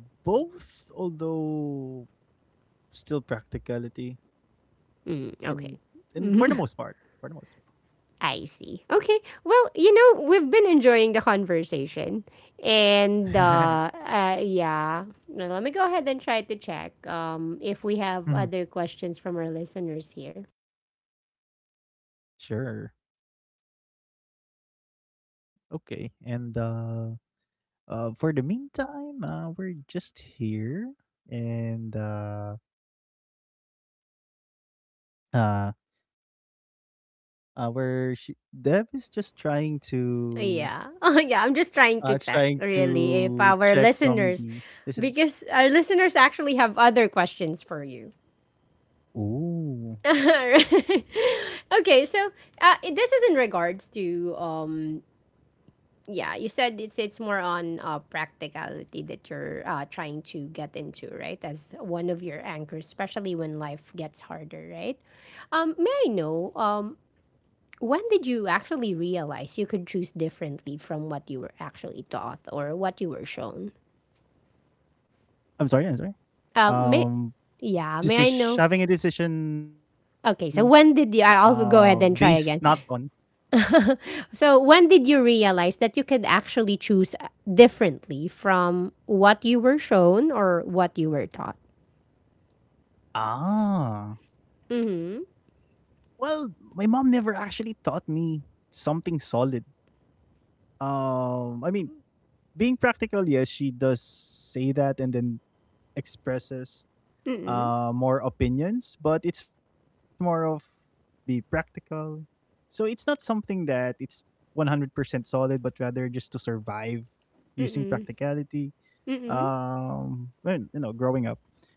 Speaker 2: Both, although still practicality in
Speaker 1: Mm,
Speaker 2: for the
Speaker 1: okay.
Speaker 2: most part. For the most
Speaker 1: I see. Okay. Well, you know, we've been enjoying the conversation. And
Speaker 2: part.
Speaker 1: yeah, now, let me go ahead and try to check if we have
Speaker 2: Mhm.
Speaker 1: other questions from our listeners here.
Speaker 2: Sure. Okay. And uh, uh, for the meantime, we're just here, and uh, Dev is just trying to
Speaker 1: Yeah. Oh, yeah, I'm just trying to
Speaker 2: trying
Speaker 1: check really if
Speaker 2: to
Speaker 1: our
Speaker 2: check from
Speaker 1: listeners
Speaker 2: the listeners.
Speaker 1: because our listeners actually have other questions for you.
Speaker 2: Ooh,
Speaker 1: Okay, so this is in regards to yeah, you said it's more on practicality that you're trying to get into, right? As one of your anchors, especially when life gets harder, right? May I know when did you actually realize you could choose differently from what you were actually taught or what you were shown?
Speaker 2: I'm sorry, I'm sorry. Um,
Speaker 1: May
Speaker 2: this
Speaker 1: Yeah,
Speaker 2: is
Speaker 1: may I
Speaker 2: having
Speaker 1: know?
Speaker 2: a decision
Speaker 1: Okay, so when did you?
Speaker 2: based
Speaker 1: I'll go
Speaker 2: not
Speaker 1: ahead and try
Speaker 2: on,
Speaker 1: again. So when did you realize that you could actually choose differently from what you were shown or what you were taught?
Speaker 2: ah. Well, my mom never actually taught me something solid. I mean, being practical, yes, she does say that and then expresses
Speaker 1: Mm-mm,
Speaker 2: more opinions, but it's more of be practical. So it's not something that it's 100% solid, but rather just to survive using
Speaker 1: mm-mm,
Speaker 2: practicality.
Speaker 1: mm-mm,
Speaker 2: When, you know, growing up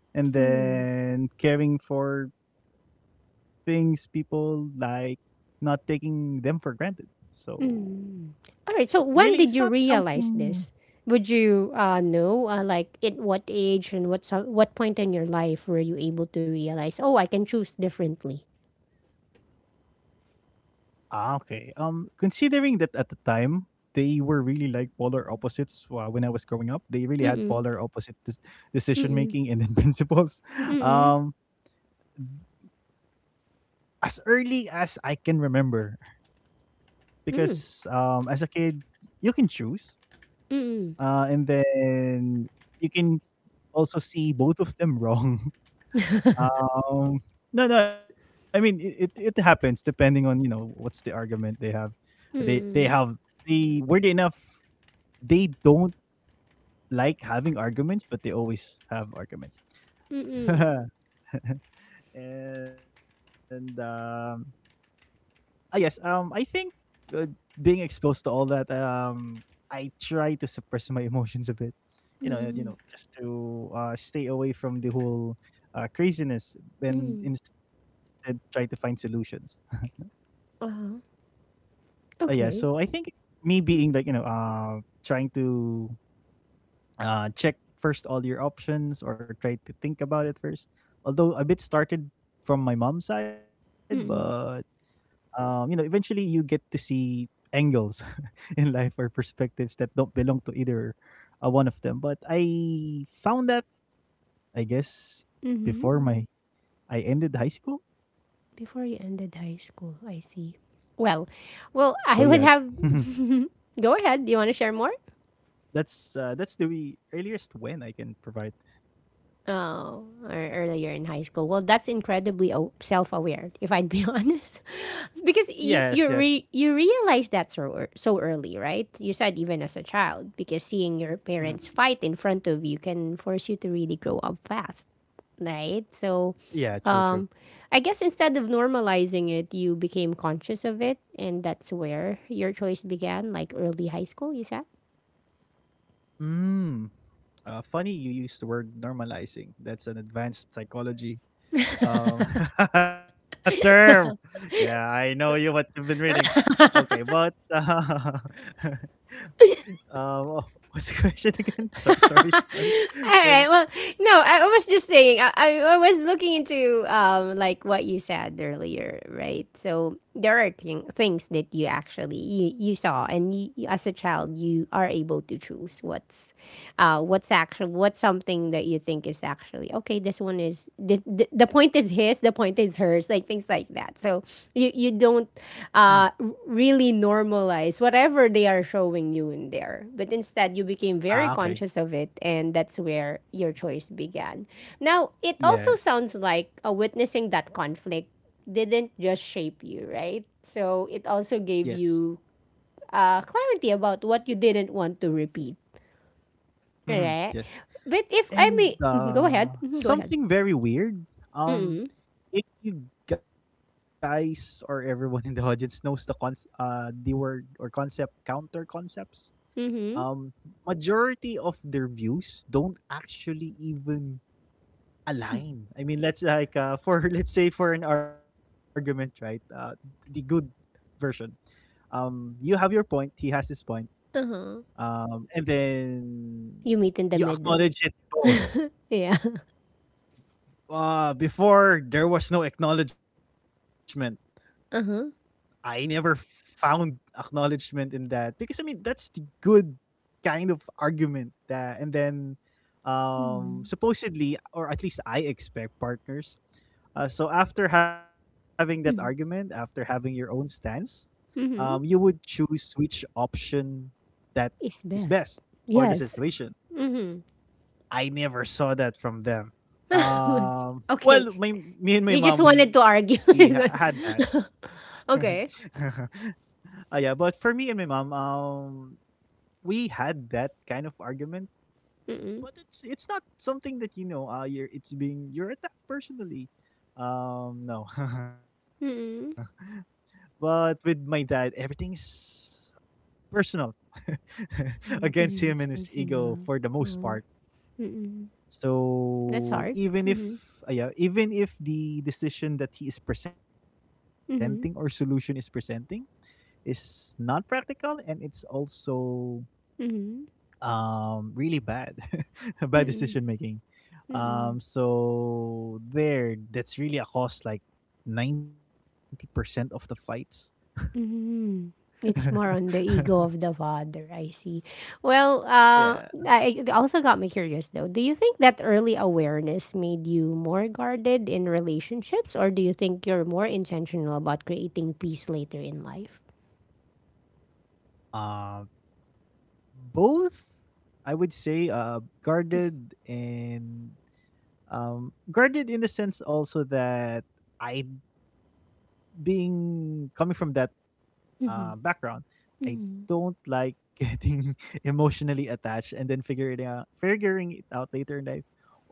Speaker 2: and
Speaker 1: mm-mm,
Speaker 2: then caring for things people like not taking them for granted. So
Speaker 1: mm.
Speaker 2: it's
Speaker 1: All right.
Speaker 2: really
Speaker 1: So
Speaker 2: it's not
Speaker 1: when did you
Speaker 2: something.
Speaker 1: realize this? Would you know, like, at what age and what point in your life were you able to realize? Oh, I can choose differently.
Speaker 2: Ah, okay. Considering that at the time they were really like polar opposites when I was growing up, they really had polar
Speaker 1: Mm-mm,
Speaker 2: opposite decision
Speaker 1: mm-mm,
Speaker 2: making and then principles.
Speaker 1: mm-mm,
Speaker 2: Um, as early as I can remember, because
Speaker 1: mm,
Speaker 2: as a kid, you can choose,
Speaker 1: mm-mm,
Speaker 2: and then you can also see both of them wrong. Um, no, no, I mean it happens depending on, you know, what's the argument they have. They have,
Speaker 1: mm-mm,
Speaker 2: they weirdly enough, they don't like having arguments, but they always have arguments.
Speaker 1: mm-mm,
Speaker 2: And yes, I think, uh, being exposed to all that, I try to suppress my emotions a bit.
Speaker 1: mm-mm,
Speaker 2: Just to stay away from the whole craziness and
Speaker 1: mm-mm.
Speaker 2: instead try to find solutions.
Speaker 1: Uh-huh.
Speaker 2: Yeah, so i
Speaker 1: Okay.
Speaker 2: think me being like, you know, trying to check first all your options or try to think about it first, although a bit started from my mom's side. But,
Speaker 1: Mm-mm,
Speaker 2: um, you know, eventually you get to see angles in life or perspectives that don't belong to either one of them. But I found that, I guess,
Speaker 1: mm-hmm.
Speaker 2: before my I ended high school.
Speaker 1: Before you ended high school, I see. Well,
Speaker 2: So yeah.
Speaker 1: I would have. Go ahead. Do you want to share more?
Speaker 2: That's the we earliest when I can provide.
Speaker 1: Oh, or earlier in high school. Well, that's incredibly self-aware, if I'd be honest. It's because
Speaker 2: Yes, yes.
Speaker 1: you realize that so so early, right? You said even as a child, because seeing your parents
Speaker 2: Mhm.
Speaker 1: fight in front of you can force you to really grow up fast, right? So,
Speaker 2: Yeah,
Speaker 1: um,
Speaker 2: true, true.
Speaker 1: I guess instead of normalizing it, you became conscious of it, and that's where your choice began, like early high school. You said.
Speaker 2: Mm. Funny you use the word normalizing. That's an advanced psychology um, term. Yeah, I know you what you've been reading. Okay, but um, oh, what's the question again? Sorry, sorry,
Speaker 1: All
Speaker 2: sorry.
Speaker 1: right. Well,
Speaker 2: Bueno.
Speaker 1: no, I was just saying, I was looking into like what you said earlier, right? So there are things that you actually you saw, and as a child, you are able to choose what's actual what's something that you think is actually okay. This one is the point is his, the point is hers, like things like that. So you don't
Speaker 2: Mhm.
Speaker 1: uh, really normalize whatever they are showing you in there, but instead you became very
Speaker 2: Ah,
Speaker 1: conscious of
Speaker 2: okay.
Speaker 1: it, and that's where your choice began. Now it also sounds
Speaker 2: Yes,
Speaker 1: like witnessing that conflict didn't just shape you, right? So it also gave
Speaker 2: yes,
Speaker 1: you clarity about what you didn't want to repeat, right?
Speaker 2: hmm yes.
Speaker 1: But if I may, mhm,
Speaker 2: And
Speaker 1: go ahead, mhm, go ahead.
Speaker 2: something very weird.
Speaker 1: Mm-mm.
Speaker 2: Um, if you guys or everyone in the audience knows the cons the word or concept, counter concepts,
Speaker 1: Mm-hmm.
Speaker 2: um majority of their views don't actually even align. I mean, let's like for let's say for an argument, right? The good version, you have your point, he has his point,
Speaker 1: Uh-huh.
Speaker 2: and then
Speaker 1: You meet in the
Speaker 2: you
Speaker 1: middle.
Speaker 2: acknowledge it both.
Speaker 1: Yeah.
Speaker 2: Before there was no acknowledgement.
Speaker 1: Uh
Speaker 2: I
Speaker 1: huh.
Speaker 2: never found acknowledgement in that, because I mean that's the good kind of argument. That and then um
Speaker 1: Mm.
Speaker 2: supposedly, or at least I expect partners, so after having that argument, after
Speaker 1: Mm.
Speaker 2: having your own stance, you
Speaker 1: Mm-hmm.
Speaker 2: would choose which option that is
Speaker 1: It's
Speaker 2: best
Speaker 1: best.
Speaker 2: for the
Speaker 1: Yes.
Speaker 2: situation.
Speaker 1: Mm-hmm.
Speaker 2: I never saw that from them.
Speaker 1: Okay.
Speaker 2: Well my Me and my
Speaker 1: You just
Speaker 2: mom,
Speaker 1: wanted to argue.
Speaker 2: had that.
Speaker 1: It's like- okay.
Speaker 2: Ah, yeah, but for me and my mom, we had that kind of argument,
Speaker 1: Mm-mm.
Speaker 2: but it's not something that, you know. You're It's being, you're attacked personally. No,
Speaker 1: Mm-mm.
Speaker 2: but with my dad, everything is personal against
Speaker 1: Mm, to
Speaker 2: him and
Speaker 1: him,
Speaker 2: his
Speaker 1: it's
Speaker 2: ego for the
Speaker 1: personal.
Speaker 2: most part.
Speaker 1: Oh. Mm-mm. That's
Speaker 2: So
Speaker 1: hard.
Speaker 2: even if,
Speaker 1: Mm-hmm.
Speaker 2: yeah, even if the decision that he is presenting or solution is
Speaker 1: Mm-hmm.
Speaker 2: presenting is not practical, and it's also
Speaker 1: Mm-hmm.
Speaker 2: really bad bad decision
Speaker 1: Mm-mm.
Speaker 2: making,
Speaker 1: Mm-mm.
Speaker 2: so there, that's really a cost like 90% of the fights.
Speaker 1: Mhm. It's more on the ego of the father. I see. Well,
Speaker 2: Yeah,
Speaker 1: I it also got me curious though. Do you think that early awareness made you more guarded in relationships, or do you think you're more intentional about creating peace later in life?
Speaker 2: um both, I would say. Guarded, and guarded in the sense also that I, being coming from that
Speaker 1: Mm-hmm.
Speaker 2: background. I
Speaker 1: Mm-hmm.
Speaker 2: don't like getting emotionally attached and then figuring it out later in life.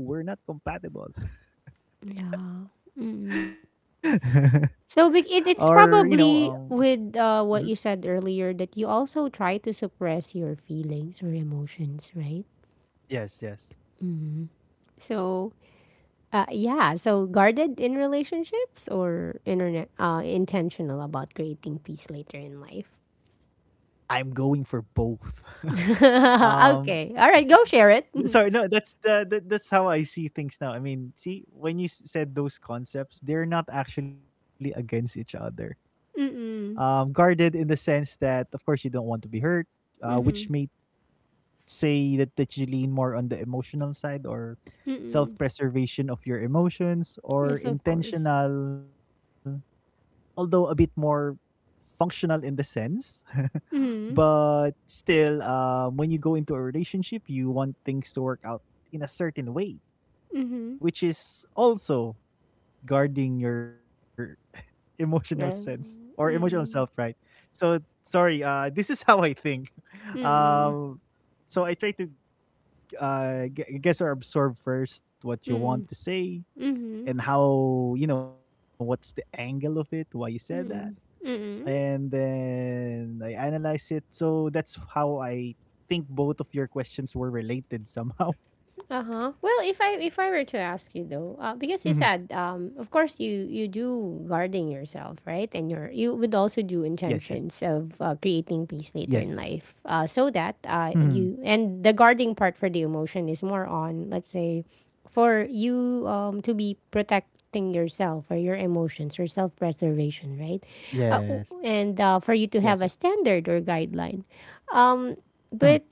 Speaker 2: Oh no, we're not compatible.
Speaker 1: Yeah. Mm-mm. So it's
Speaker 2: Or, you know,
Speaker 1: probably with what you
Speaker 2: mhm.
Speaker 1: said earlier that you also try to suppress your feelings or emotions, right?
Speaker 2: Yes, yes,
Speaker 1: So yeah, so guarded in relationships or internet intentional about creating peace later in life.
Speaker 2: I'm going for both. um,
Speaker 1: Okay, all right, go share it.
Speaker 2: Sorry, no, that's the that's how I see things now. I mean, see, when you s- said those concepts, they're not actually against each other.
Speaker 1: Mm-mm.
Speaker 2: Guarded in the sense that, of course, you don't want to be hurt, which
Speaker 1: Mm-hmm.
Speaker 2: may say that you lean more on the emotional side, or self
Speaker 1: Mm-mm.
Speaker 2: preservation of your emotions, or
Speaker 1: Yes, of course.
Speaker 2: intentional, although a bit more functional in the sense.
Speaker 1: Mm-hmm.
Speaker 2: But still, when you go into a relationship, you want things to work out in a certain way,
Speaker 1: Mm-hmm.
Speaker 2: which is also guarding your emotional sense
Speaker 1: Yeah.
Speaker 2: or emotional self, right?
Speaker 1: Mm-mm.
Speaker 2: So, sorry, this is how I think.
Speaker 1: Mm-mm.
Speaker 2: Um, so I try to I guess are absorb first what you want
Speaker 1: Mm-mm.
Speaker 2: to say,
Speaker 1: Mm-hmm.
Speaker 2: and how, you know, what's the angle of it, why you said that,
Speaker 1: Mm-mm.
Speaker 2: and
Speaker 1: Mm-mm.
Speaker 2: then I analyze it. So that's how I think both of your questions were related somehow.
Speaker 1: Uh-huh. Well, if I were to ask you though, because you
Speaker 2: Mhm.
Speaker 1: said of course you do guarding yourself, right? And you would
Speaker 2: Yes,
Speaker 1: also
Speaker 2: yes,
Speaker 1: do intentions of creating
Speaker 2: yes,
Speaker 1: peace
Speaker 2: yes.
Speaker 1: later in life. So that
Speaker 2: Hmm.
Speaker 1: you and the guarding part for the emotion is more on let's say for you to be protecting yourself or your emotions or
Speaker 2: Yes,
Speaker 1: self-preservation, right?
Speaker 2: yes, yes.
Speaker 1: And for you to have a standard or guideline. Um
Speaker 2: Hmm.
Speaker 1: but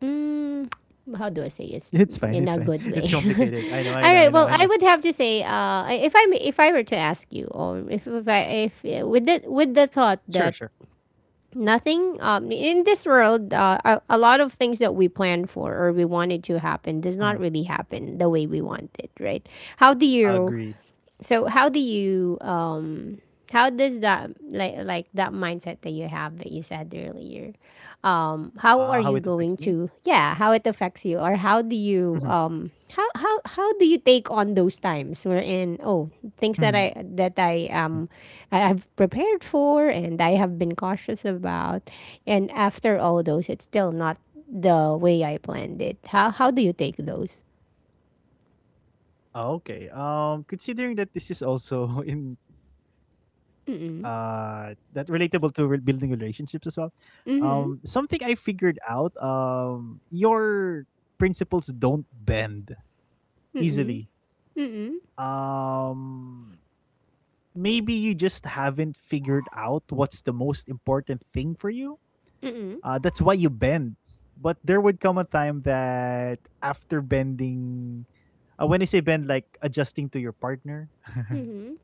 Speaker 1: mm, how do I say it's
Speaker 2: It's fine.
Speaker 1: in a
Speaker 2: It's fine.
Speaker 1: good way?
Speaker 2: It's complicated. I know.
Speaker 1: All
Speaker 2: I
Speaker 1: right.
Speaker 2: know.
Speaker 1: Well,
Speaker 2: I
Speaker 1: I
Speaker 2: know. I
Speaker 1: would
Speaker 2: know.
Speaker 1: have to say, I- if I if I were to ask you, or if I if with the
Speaker 2: Sure.
Speaker 1: with
Speaker 2: Sure.
Speaker 1: the thought that nothing in this world, a lot of things that we plan for or we wanted to happen does not
Speaker 2: Hmm.
Speaker 1: really happen the way we want it, right? How do you
Speaker 2: Agree.
Speaker 1: So how do you how does that like that mindset that you have that you said earlier how
Speaker 2: Ah,
Speaker 1: are
Speaker 2: how it
Speaker 1: you
Speaker 2: affects
Speaker 1: going
Speaker 2: me.
Speaker 1: to yeah how it affects you or how do you
Speaker 2: Hmm.
Speaker 1: how do you take on those times wherein oh things that I I've prepared for and I have been cautious about and after all those it's still not the way I planned it how do you take those
Speaker 2: Ah, okay. Considering that this is also in that relatable to re- building relationships as well.
Speaker 1: mm-hmm
Speaker 2: Something I figured out. Your principles don't bend
Speaker 1: mm-mm
Speaker 2: easily.
Speaker 1: mm.
Speaker 2: Um, maybe you just haven't figured out what's the most important thing for you. That's why you bend. But there would come a time that after bending, when I say bend, like adjusting to your partner,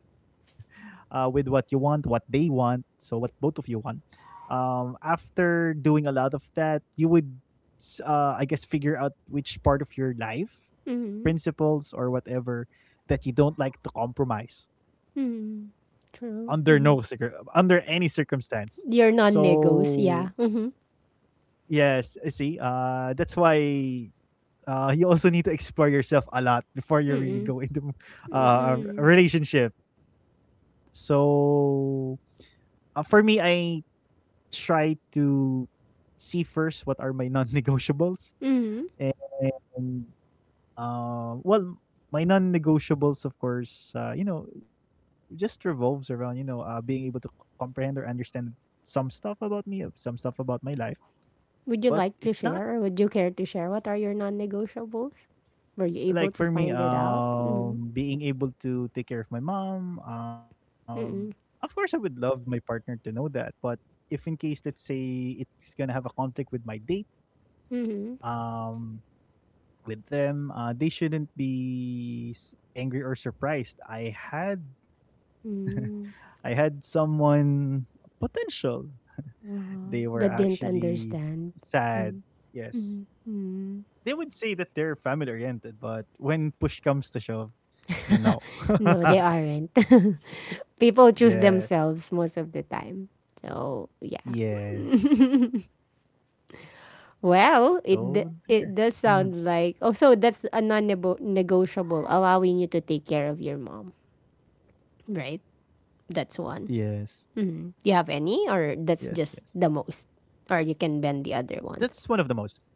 Speaker 2: with what you want, what they want, so what both of you want. After doing a lot of that, you would, I guess, figure out which part of your life,
Speaker 1: Mhm.
Speaker 2: principles, or whatever that you don't like to compromise under
Speaker 1: Mhm.
Speaker 2: no circum
Speaker 1: True.
Speaker 2: under
Speaker 1: Mhm.
Speaker 2: any circumstance.
Speaker 1: Your
Speaker 2: So
Speaker 1: non-negotiables, yeah. Mhm.
Speaker 2: yes, I see, that's why you also need to explore yourself a lot before you really
Speaker 1: Mm.
Speaker 2: go into a
Speaker 1: Mm.
Speaker 2: relationship. So for me, I try to see first what are my non-negotiables,
Speaker 1: Mhm.
Speaker 2: and well, my non-negotiables, of course, you know, just revolves around, you know, being able to c- comprehend or understand some stuff about me, some stuff about my life.
Speaker 1: Would
Speaker 2: But
Speaker 1: you like
Speaker 2: it's
Speaker 1: to
Speaker 2: not
Speaker 1: share or would you care to share what are your non-negotiables? Were you able
Speaker 2: like,
Speaker 1: to
Speaker 2: for me,
Speaker 1: find it out? Mhm.
Speaker 2: being able to take care of my mom. Of
Speaker 1: Mm.
Speaker 2: course I would love my partner to know that, but if in case, let's say, it's gonna have a conflict with my date
Speaker 1: Mhm.
Speaker 2: um with them, they shouldn't be s- angry or surprised. I had I had
Speaker 1: Mm.
Speaker 2: someone potential. They were
Speaker 1: Uh-huh. That didn't
Speaker 2: actually
Speaker 1: understand.
Speaker 2: sad.
Speaker 1: Mm.
Speaker 2: Yes, they would say that they're family oriented, but when push comes to shove, no.
Speaker 1: No, they aren't.
Speaker 2: Yes.
Speaker 1: People choose themselves most of the time. So, yeah.
Speaker 2: Yes.
Speaker 1: Well,
Speaker 2: So
Speaker 1: it d-
Speaker 2: there.
Speaker 1: it does sound like oh, so that's a non-negotiable, allowing you to take care of your mom, right?
Speaker 2: Yes.
Speaker 1: That's one.
Speaker 2: Yes,
Speaker 1: You
Speaker 2: yes.
Speaker 1: have any, or that's just the most, or you can
Speaker 2: That's
Speaker 1: bend the
Speaker 2: one of the
Speaker 1: other
Speaker 2: most.
Speaker 1: ones.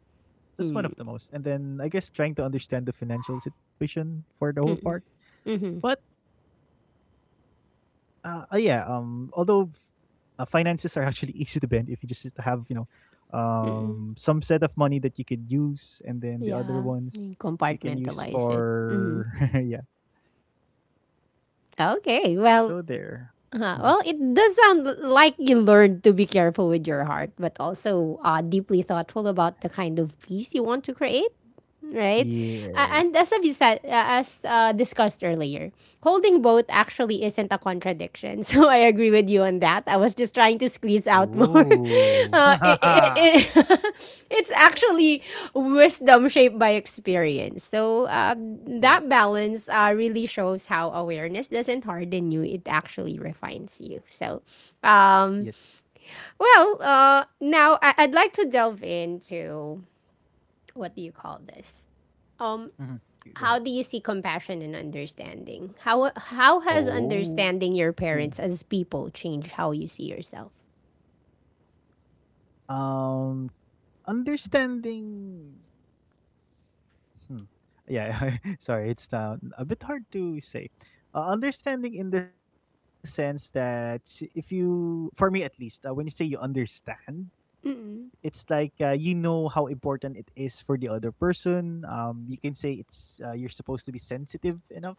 Speaker 2: That's one of the most. And then I guess trying to understand the financial situation for the whole part. But yeah, although finances are actually easy to bend if you just have, you know,
Speaker 1: Mm-mm.
Speaker 2: some set of money that you could use, and then the other
Speaker 1: Yeah,
Speaker 2: ones
Speaker 1: you
Speaker 2: you can use
Speaker 1: compartmentalize it. Hmm.
Speaker 2: for yeah. So
Speaker 1: Okay,
Speaker 2: there.
Speaker 1: well,
Speaker 2: Mhm.
Speaker 1: well, it does sound like you learned to be careful with your heart, but also deeply thoughtful about the kind of peace you want to create, right? A-
Speaker 2: Yeah.
Speaker 1: and as a visa, as discussed earlier, holding both actually isn't a contradiction. So I agree with you on that. I was just trying to squeeze out more.
Speaker 2: Oh,
Speaker 1: Uh, it, it, it's actually wisdom shaped by experience. So that
Speaker 2: yes.
Speaker 1: balance really shows how awareness doesn't harden you; it actually refines you. So,
Speaker 2: Yes.
Speaker 1: um, well, now I'd like to delve into what do you call this? um
Speaker 2: Mhm. G- Go ahead.
Speaker 1: how do you see compassion and understanding? How has
Speaker 2: Oh.
Speaker 1: understanding your parents as people changed how you see yourself?
Speaker 2: Um Understanding, hmm. Yeah, sorry, it's a bit hard to say. Understanding in the sense that, if you, for me at least, when you say you understand, it's
Speaker 1: Mm-mm.
Speaker 2: like, you know how important it is for the other person. Um, you can say it's, you're supposed to be sensitive enough,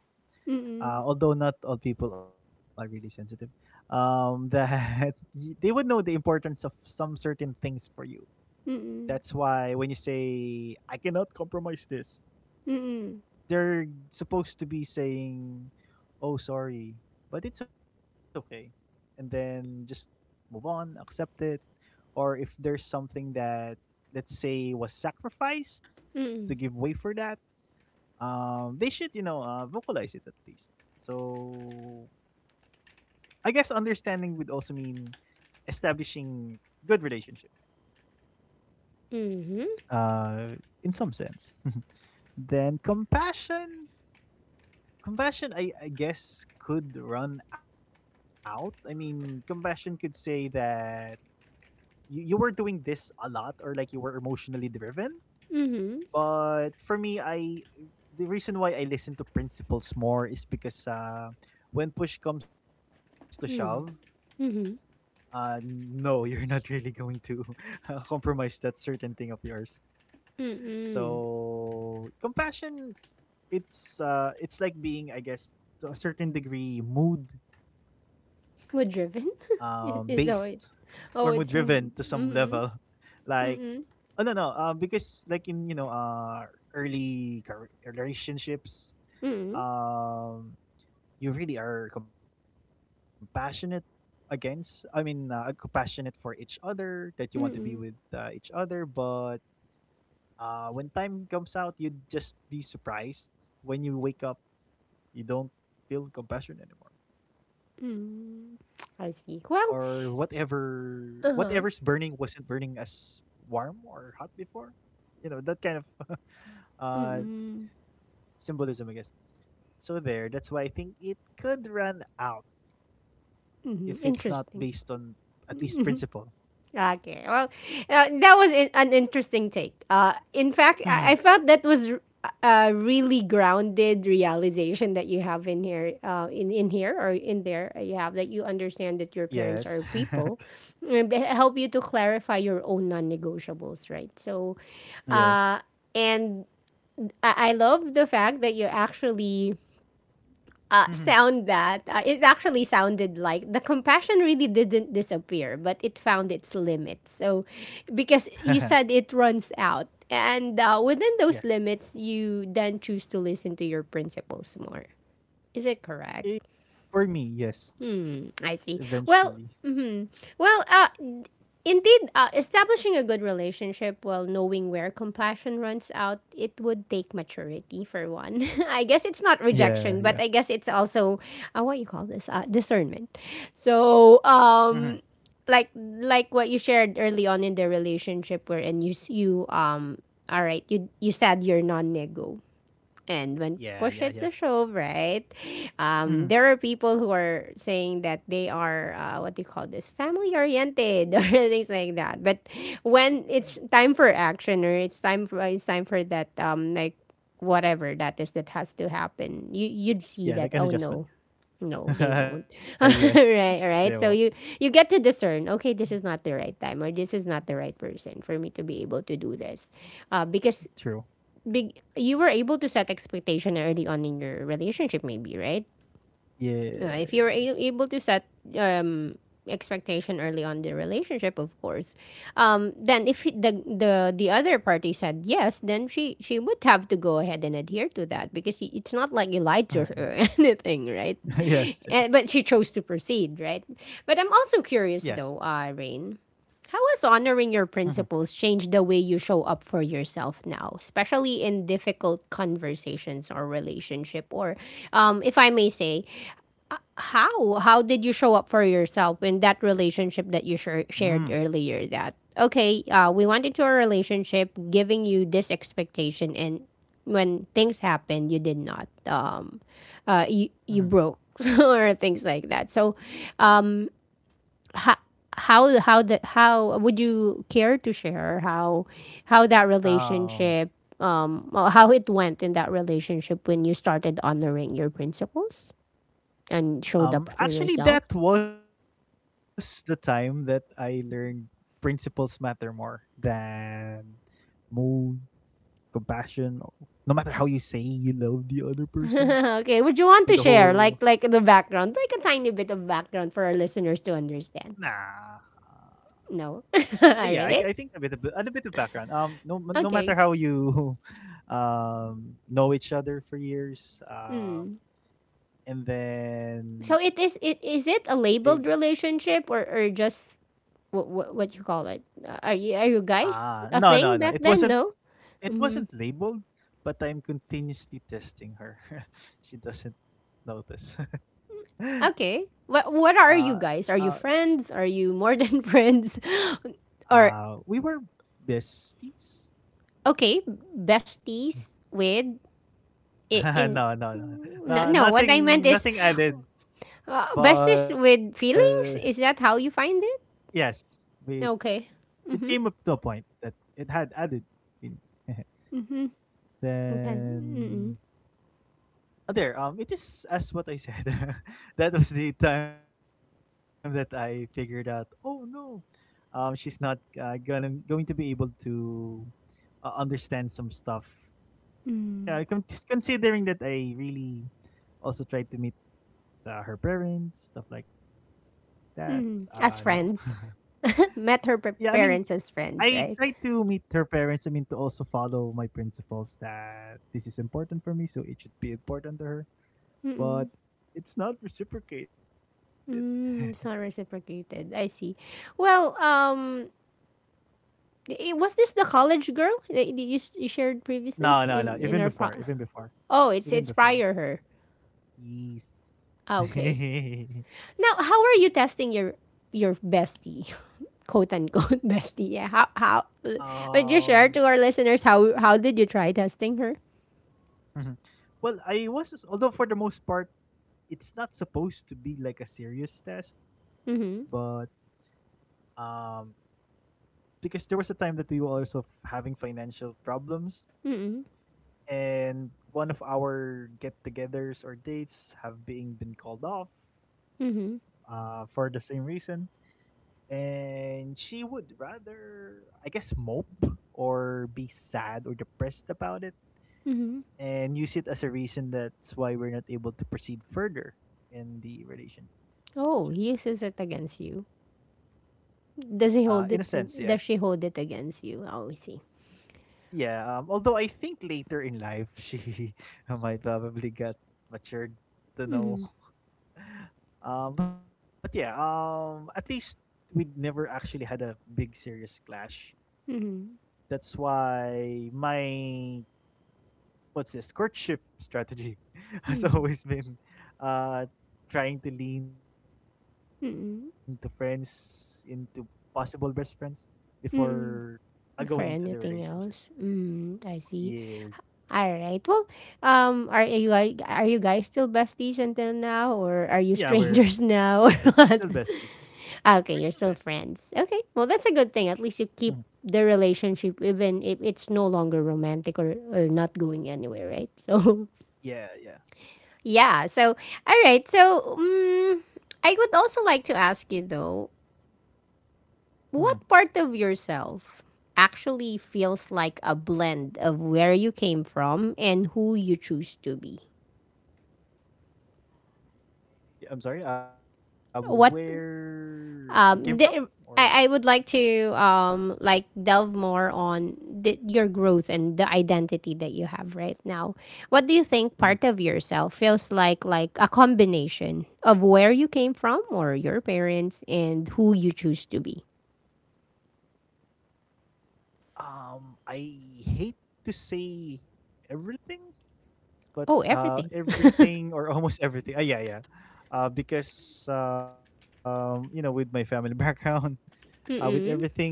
Speaker 1: Mm-mm.
Speaker 2: although not all people are really sensitive, that they would know the importance of some certain things for you. That's
Speaker 1: Mm-mm.
Speaker 2: why when you say, I cannot compromise this,
Speaker 1: Mm-mm.
Speaker 2: they're supposed to be saying, oh, sorry, but it's okay. And then just move on, accept it. Or if there's something that, let's say, was sacrificed to
Speaker 1: Mm-mm.
Speaker 2: give way for that, they should, you know, vocalize it at least. So I guess understanding would also mean establishing good relationship.
Speaker 1: Mm-hmm.
Speaker 2: Uh, in some sense. Then compassion, I guess could run out. I mean, compassion could say that you were doing this a lot, or like you were emotionally driven.
Speaker 1: Mm-hmm. Mm-hmm.
Speaker 2: But for me, I the reason why I listen to principles more is because, when push comes to shove,
Speaker 1: Mm-hmm. Mm.
Speaker 2: no, you're not really going to compromise that certain thing of yours.
Speaker 1: Hmm.
Speaker 2: So compassion, it's, it's like being, I guess, to a certain degree, mood,
Speaker 1: We're driven.
Speaker 2: based, or
Speaker 1: Oh,
Speaker 2: mood
Speaker 1: wait.
Speaker 2: driven
Speaker 1: Oh,
Speaker 2: to
Speaker 1: it's
Speaker 2: some
Speaker 1: mm,
Speaker 2: level.
Speaker 1: mm-hmm.
Speaker 2: Like, oh
Speaker 1: Mm-mm.
Speaker 2: no no, because like in, you know, early car- relationships,
Speaker 1: Mm-mm.
Speaker 2: um you really are compassionate against, I mean, compassionate for each other, that you want to be with,
Speaker 1: Mm-mm.
Speaker 2: each other, but when time comes out, you'd just be surprised, when you wake up, you don't feel compassion anymore,
Speaker 1: Mm-mm.
Speaker 2: or
Speaker 1: I see. Well,
Speaker 2: whatever, whatever's burning
Speaker 1: uh-huh.
Speaker 2: wasn't burning as warm or hot before, you know, that kind of uh
Speaker 1: Mm-mm.
Speaker 2: symbolism, I guess. So there, that's why I think it could run out if it's not based
Speaker 1: Mm-hmm.
Speaker 2: on at
Speaker 1: Interesting.
Speaker 2: least principle.
Speaker 1: Okay. Well, that was an interesting take. In fact,
Speaker 2: Mm-hmm.
Speaker 1: I felt that was a really grounded realization that you have in here, in here or in there. You have that you understand
Speaker 2: Yes.
Speaker 1: that your parents are people, and they help you to clarify your own non-negotiables, right? So,
Speaker 2: Yes.
Speaker 1: uh, and I love the fact that you're actually
Speaker 2: Mm-hmm.
Speaker 1: sound that it actually sounded like the compassion really didn't disappear, but it found its limits. So, because you said it runs out, and within
Speaker 2: Yes.
Speaker 1: those limits, you then choose to listen to your principles more. Is it correct?
Speaker 2: Eh, for me, yes,
Speaker 1: Mm,
Speaker 2: eventually.
Speaker 1: I see. Well, mhm. Well, indeed, establishing a good relationship while knowing where compassion runs out, it would take maturity for one. I guess it's not
Speaker 2: Yeah, yeah.
Speaker 1: rejection, but I guess it's also what you call this discernment. So,
Speaker 2: Mm-hmm.
Speaker 1: like what you shared early on in the relationship, wherein you s- you all right, you said you're non-nego, and when
Speaker 2: Yeah, yeah,
Speaker 1: push
Speaker 2: yeah.
Speaker 1: hits the shove, right?
Speaker 2: Mm-hmm.
Speaker 1: There are people who are saying that they are what do you call this, family oriented or things like that. But
Speaker 2: Mm-hmm.
Speaker 1: when it's time for action or it's time for that whatever that is that has to happen, you'd
Speaker 2: Yeah,
Speaker 1: see
Speaker 2: like
Speaker 1: that
Speaker 2: an
Speaker 1: oh
Speaker 2: adjustment.
Speaker 1: no. No, they won't.
Speaker 2: Yes. They will.
Speaker 1: Right, right. So you get to discern. Okay, this is not the right time, or this is not the right person for me to be able to do this, because
Speaker 2: True.
Speaker 1: big you were able to set expectation early on in your relationship maybe, right? If you're
Speaker 2: Yes.
Speaker 1: able to set um, expectation early on the relationship, of course, then if he- the other party said yes, then she would have to go ahead and adhere to that because it's not like you lied to
Speaker 2: Mm-hmm.
Speaker 1: her or anything, right?
Speaker 2: Yes, yes.
Speaker 1: And, but she chose to proceed, right? But I'm also
Speaker 2: Yes.
Speaker 1: curious though, Rain. How has honoring
Speaker 2: Mm-hmm.
Speaker 1: your principles changed the way you show up for yourself now, especially in difficult conversations or relationship, or if I may say, how did you show up for yourself in that relationship that you
Speaker 2: Mm-hmm.
Speaker 1: shared earlier, that okay, we went into a relationship giving you this expectation, and when things happened you did not you broke or things like that. So how would you care to share how that
Speaker 2: Um
Speaker 1: relationship or how it went in that relationship when you started honoring your principles and showed up for
Speaker 2: Actually,
Speaker 1: yourself.
Speaker 2: that was the time that I learned principles matter more than mood, compassion, or no matter how you say you love the other person.
Speaker 1: Okay, would you want
Speaker 2: With
Speaker 1: to
Speaker 2: the
Speaker 1: share like
Speaker 2: whole,
Speaker 1: like the background, like a tiny bit of background for our listeners to understand?
Speaker 2: nah.
Speaker 1: No.
Speaker 2: Uh, yeah, I
Speaker 1: All right.
Speaker 2: think a bit of background. No, no matter how
Speaker 1: Okay.
Speaker 2: you know each other for years,
Speaker 1: Hmm.
Speaker 2: and
Speaker 1: So
Speaker 2: then
Speaker 1: it is it is
Speaker 2: they.
Speaker 1: it a labeled relationship or just what you call it? Are you
Speaker 2: Ah,
Speaker 1: guys
Speaker 2: no
Speaker 1: a
Speaker 2: no no,
Speaker 1: thing
Speaker 2: it
Speaker 1: back
Speaker 2: wasn't.
Speaker 1: then? No.
Speaker 2: It wasn't labeled, but I'm continuously testing her. She doesn't notice. uh,
Speaker 1: Okay. What are
Speaker 2: uh,
Speaker 1: you guys? Are you friends? Are you more than friends? Or
Speaker 2: we were besties.
Speaker 1: okay, besties with I- in
Speaker 2: No, no, no,
Speaker 1: no,
Speaker 2: no,
Speaker 1: no, what I meant
Speaker 2: nothing,
Speaker 1: is,
Speaker 2: nothing added.
Speaker 1: Bestest
Speaker 2: But
Speaker 1: with feelings? Is that how you find
Speaker 2: yes,
Speaker 1: it?
Speaker 2: we
Speaker 1: Okay.
Speaker 2: it came up to a point that it had added feelings.
Speaker 1: Okay.
Speaker 2: then
Speaker 1: Mm-mm.
Speaker 2: uh, there, it is as what I said. That was the time that I figured out. Oh no, she's not gonna going to be able to understand some stuff. Yeah,
Speaker 1: Mm.
Speaker 2: just considering that I really also tried to meet her parents, stuff like that. No.
Speaker 1: Mm. As friends.
Speaker 2: Yeah, i
Speaker 1: Met
Speaker 2: mean
Speaker 1: her parents as
Speaker 2: I tried
Speaker 1: friends, right?
Speaker 2: to meet her parents, I mean to also follow my principles, that this is important for me, so it should be important to her, but
Speaker 1: Mm-mm.
Speaker 2: it's not reciprocated.
Speaker 1: Mm, it's not reciprocated. I see. Well, was this the college girl that you shared
Speaker 2: no
Speaker 1: previously
Speaker 2: no no even
Speaker 1: in our
Speaker 2: before,
Speaker 1: pro?
Speaker 2: even before,
Speaker 1: Oh,
Speaker 2: even
Speaker 1: it's
Speaker 2: before.
Speaker 1: prior her.
Speaker 2: Yes.
Speaker 1: Ah, okay. Now, how are you testing your bestie? Quote unquote bestie. Yeah. How uh, would you
Speaker 2: Um,
Speaker 1: share to our listeners how did you try testing her?
Speaker 2: mhm. Well, I was, although for the most part, it's not supposed to be like a serious test, but
Speaker 1: Mhm.
Speaker 2: um, because there was a time that we were also having financial problems,
Speaker 1: Mhm.
Speaker 2: and one of our get-togethers or dates have being been called off,
Speaker 1: Mhm.
Speaker 2: for the same reason, and she would rather, I guess, mope or be sad or depressed about it
Speaker 1: Mhm.
Speaker 2: and use it as a reason that's why we're not able to proceed further in the relationship.
Speaker 1: Oh, he uses it against you. Does
Speaker 2: In a
Speaker 1: he hold
Speaker 2: sense,
Speaker 1: it?
Speaker 2: yes.
Speaker 1: Does she hold it against you? Oh, I see.
Speaker 2: Yeah. Although I think later in life, she might probably got matured to know.
Speaker 1: Mhm.
Speaker 2: But yeah. At least we never actually had a big serious clash.
Speaker 1: Mhm.
Speaker 2: That's why my, what's this, courtship strategy has
Speaker 1: Mhm.
Speaker 2: always been uh trying to lean to friends into
Speaker 1: Mhm.
Speaker 2: possible best friends before
Speaker 1: Mm-mm.
Speaker 2: going into the
Speaker 1: For
Speaker 2: relationship.
Speaker 1: anything else, mm, I see.
Speaker 2: Yes.
Speaker 1: All right. Well, are are you guys still besties until now, or are you
Speaker 2: Yeah, we're
Speaker 1: strangers
Speaker 2: still
Speaker 1: now, or
Speaker 2: besties,
Speaker 1: what?
Speaker 2: we're still besties.
Speaker 1: Okay, you're still friends. Okay. Well, that's a good thing. At
Speaker 2: Mhm.
Speaker 1: least you keep the relationship, even if it's no longer romantic, or not going anywhere, right? So,
Speaker 2: Yeah, yeah.
Speaker 1: yeah. So, all right. So, I would also like to ask you though,
Speaker 2: Mhm.
Speaker 1: what part of yourself actually feels like a blend of where you came from and who you choose to be?
Speaker 2: Yeah, I'm sorry,
Speaker 1: What
Speaker 2: where I came from,
Speaker 1: um
Speaker 2: or
Speaker 1: the,
Speaker 2: what they
Speaker 1: I would
Speaker 2: choose to
Speaker 1: like
Speaker 2: be.
Speaker 1: to like delve more on the, your growth and the identity that you have right now. What do you
Speaker 2: Mhm.
Speaker 1: think part of yourself feels like a combination of where you came from or your parents and who you choose to be?
Speaker 2: I hate to say everything, but
Speaker 1: Oh, everything.
Speaker 2: everything, or almost everything. Yeah, yeah. Because you know, with my family background, with everything.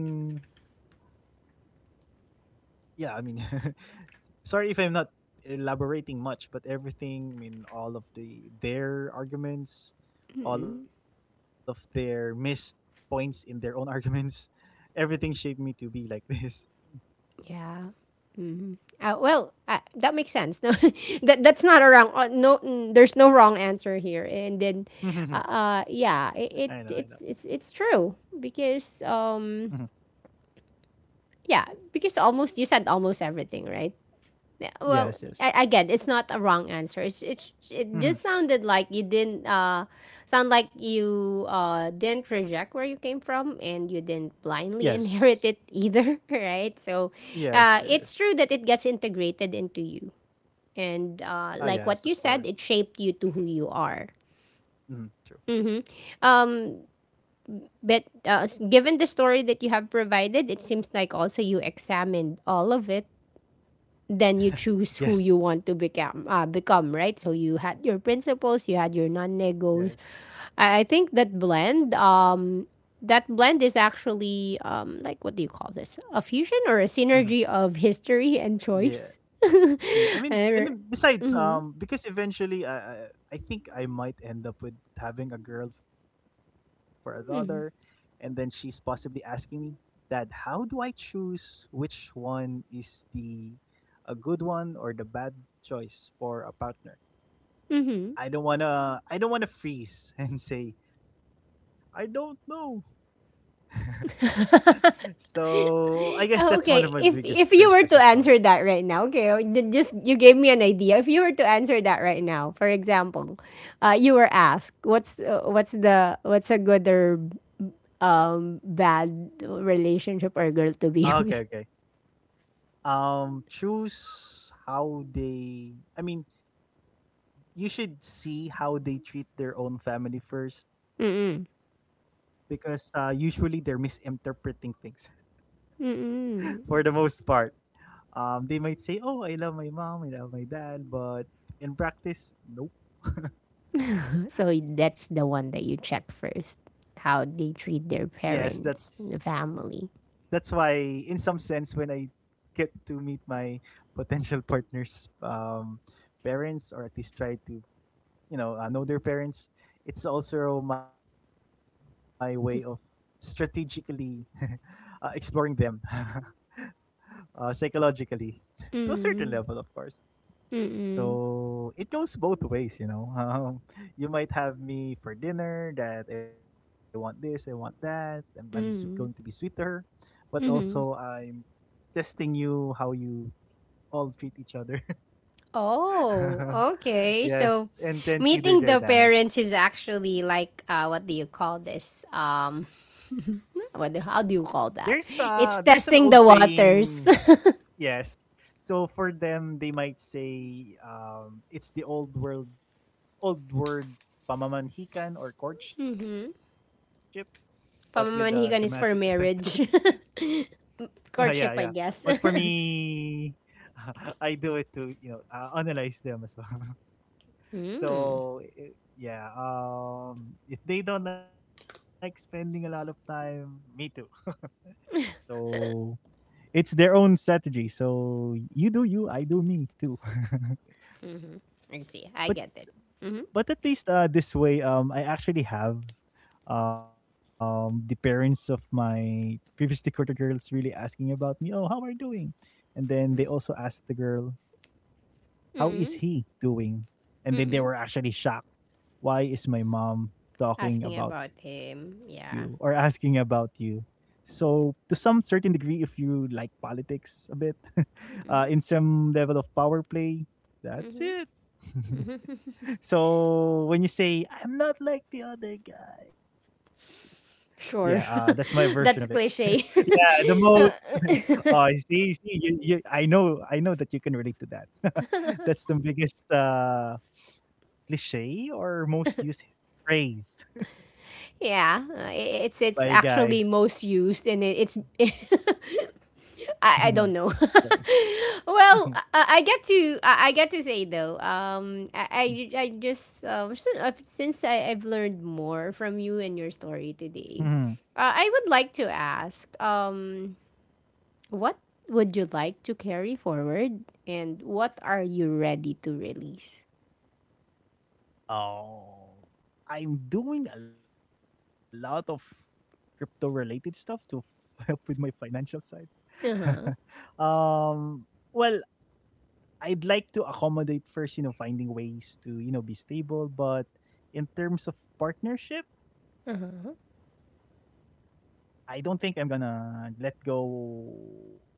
Speaker 2: Yeah, I mean, sorry if I'm not elaborating much, but everything, I mean all of the their arguments, all of their missed points in their own arguments, everything shaped me to be like this.
Speaker 1: Yeah. Mhm. Well, that makes sense. No, that that's not a wrong. No, mm, there's no wrong answer here. And then,
Speaker 2: I know, I know.
Speaker 1: yeah, it's it's true because
Speaker 2: Hmm.
Speaker 1: yeah, because almost, you said almost everything, right? Yeah,
Speaker 2: Yes,
Speaker 1: well,
Speaker 2: yes.
Speaker 1: again, it's not a wrong answer. It's it
Speaker 2: Hmm.
Speaker 1: just sounded like you didn't sound like you didn't reject where you came from, and you didn't blindly
Speaker 2: Yes,
Speaker 1: inherit it either, right? So,
Speaker 2: yes, yes.
Speaker 1: it's true that it gets integrated into you, and
Speaker 2: Ah,
Speaker 1: like
Speaker 2: yes, of
Speaker 1: what you
Speaker 2: course.
Speaker 1: said, it shaped you to who you are.
Speaker 2: Mhm, true.
Speaker 1: Um, but given the story that you have provided, it seems like also you examined all of it, then you
Speaker 2: Yes,
Speaker 1: choose who you want to become right, so you had your principles, you had your
Speaker 2: yes.
Speaker 1: non-negos. I think that blend is actually like what do you call this, a fusion or a
Speaker 2: Mhm.
Speaker 1: synergy of history and
Speaker 2: Yeah,
Speaker 1: choice.
Speaker 2: yeah. I mean,
Speaker 1: Mm-hmm,
Speaker 2: and then besides,
Speaker 1: mm-hmm,
Speaker 2: because eventually, I think I might end up with having a girl for a daughter, and then she's possibly asking me that how do I choose which one is the a good one or the bad choice for a partner?
Speaker 1: mm-hmm.
Speaker 2: I don't wanna freeze and say I don't know. So I guess that's one of
Speaker 1: Oh,
Speaker 2: my
Speaker 1: okay.
Speaker 2: biggest
Speaker 1: If
Speaker 2: pressures
Speaker 1: you
Speaker 2: as
Speaker 1: were to
Speaker 2: well.
Speaker 1: answer that right now, okay, oh, you just you gave me an idea. If you were to answer that right now, for example, you were asked what's a good or bad relationship
Speaker 2: Ah,
Speaker 1: or
Speaker 2: okay,
Speaker 1: girl to
Speaker 2: okay.
Speaker 1: be with.
Speaker 2: Choose how they. I mean, you should see how they treat their own family first,
Speaker 1: Mm-mm.
Speaker 2: because usually they're misinterpreting things for the
Speaker 1: Mm-mm.
Speaker 2: most part. They might say, "Oh, I love my mom, I love my dad," but in practice, nope.
Speaker 1: So that's the one that you check first, how
Speaker 2: Yes,
Speaker 1: they treat their
Speaker 2: that's
Speaker 1: parents, the
Speaker 2: that's
Speaker 1: family.
Speaker 2: why in some sense when I get to meet my potential partners, um, parents, or at least try to, you know, know their parents, it's also my way of strategically exploring them psychologically, to a certain level, of
Speaker 1: Mm.
Speaker 2: course.
Speaker 1: Mm-mm.
Speaker 2: So it goes both ways, you know. You might have me for dinner that I want this, I want that. I'm going to be sweet to
Speaker 1: Mm.
Speaker 2: her, but also
Speaker 1: Mm-hmm.
Speaker 2: I'm testing you how you all treat each other.
Speaker 1: Oh, okay.
Speaker 2: Yes,
Speaker 1: So
Speaker 2: and then see their
Speaker 1: meeting the
Speaker 2: dynamics.
Speaker 1: parents is actually like what do you call this? Um, how do you call that?
Speaker 2: There's
Speaker 1: It's
Speaker 2: an old
Speaker 1: testing the
Speaker 2: saying.
Speaker 1: waters.
Speaker 2: Yes. So for them, they might say, um, it's the old world, old word, pamamanhikan, or courtship, but with a dramatic effect to it.
Speaker 1: Pamamanhikan is for marriage.
Speaker 2: Yeah, yeah.
Speaker 1: Courtship,
Speaker 2: But
Speaker 1: I
Speaker 2: for
Speaker 1: guess.
Speaker 2: me, I do it to, you know, analyze them as well.
Speaker 1: Hmm.
Speaker 2: So yeah, if they don't like spending a lot of time, me too. So it's their own strategy. So you do you, I do me too.
Speaker 1: I see. I
Speaker 2: but
Speaker 1: get it. Mhm.
Speaker 2: but at least this way, I actually have, the parents of my previously courted girls really asking about me. Oh, how are you doing? And then they also asked the girl, "How is
Speaker 1: Mm.
Speaker 2: he doing?" And then they
Speaker 1: Mm.
Speaker 2: were actually shocked. Why is my mom talking
Speaker 1: Asking
Speaker 2: about
Speaker 1: about
Speaker 2: you or
Speaker 1: him.
Speaker 2: asking
Speaker 1: Yeah.
Speaker 2: about you? So to some certain degree, if you like politics a bit, in some level of power play, that's it. So when you say I'm not like the other guys, yeah, that's my
Speaker 1: Sure.
Speaker 2: version of it.
Speaker 1: That's
Speaker 2: Yeah,
Speaker 1: cliche.
Speaker 2: the most. Oh, I see, see, I know that you can relate to that. That's the biggest cliche, or most used phrase by
Speaker 1: Yeah,
Speaker 2: guys.
Speaker 1: it's actually most used, and it's I don't know.
Speaker 2: Mhm.
Speaker 1: Well, I get to say though, I just since I've learned more from you and your
Speaker 2: Mhm.
Speaker 1: story today, I would like to ask, what would you like to carry forward, and what are you ready to release?
Speaker 2: Oh, I'm doing a lot of crypto related stuff to help with my financial side.
Speaker 1: Uh huh.
Speaker 2: Um, well, I'd like to accommodate first, you know, finding ways to, you know, be stable, but in terms of partnership,
Speaker 1: Uh huh.
Speaker 2: I don't think I'm gonna let go of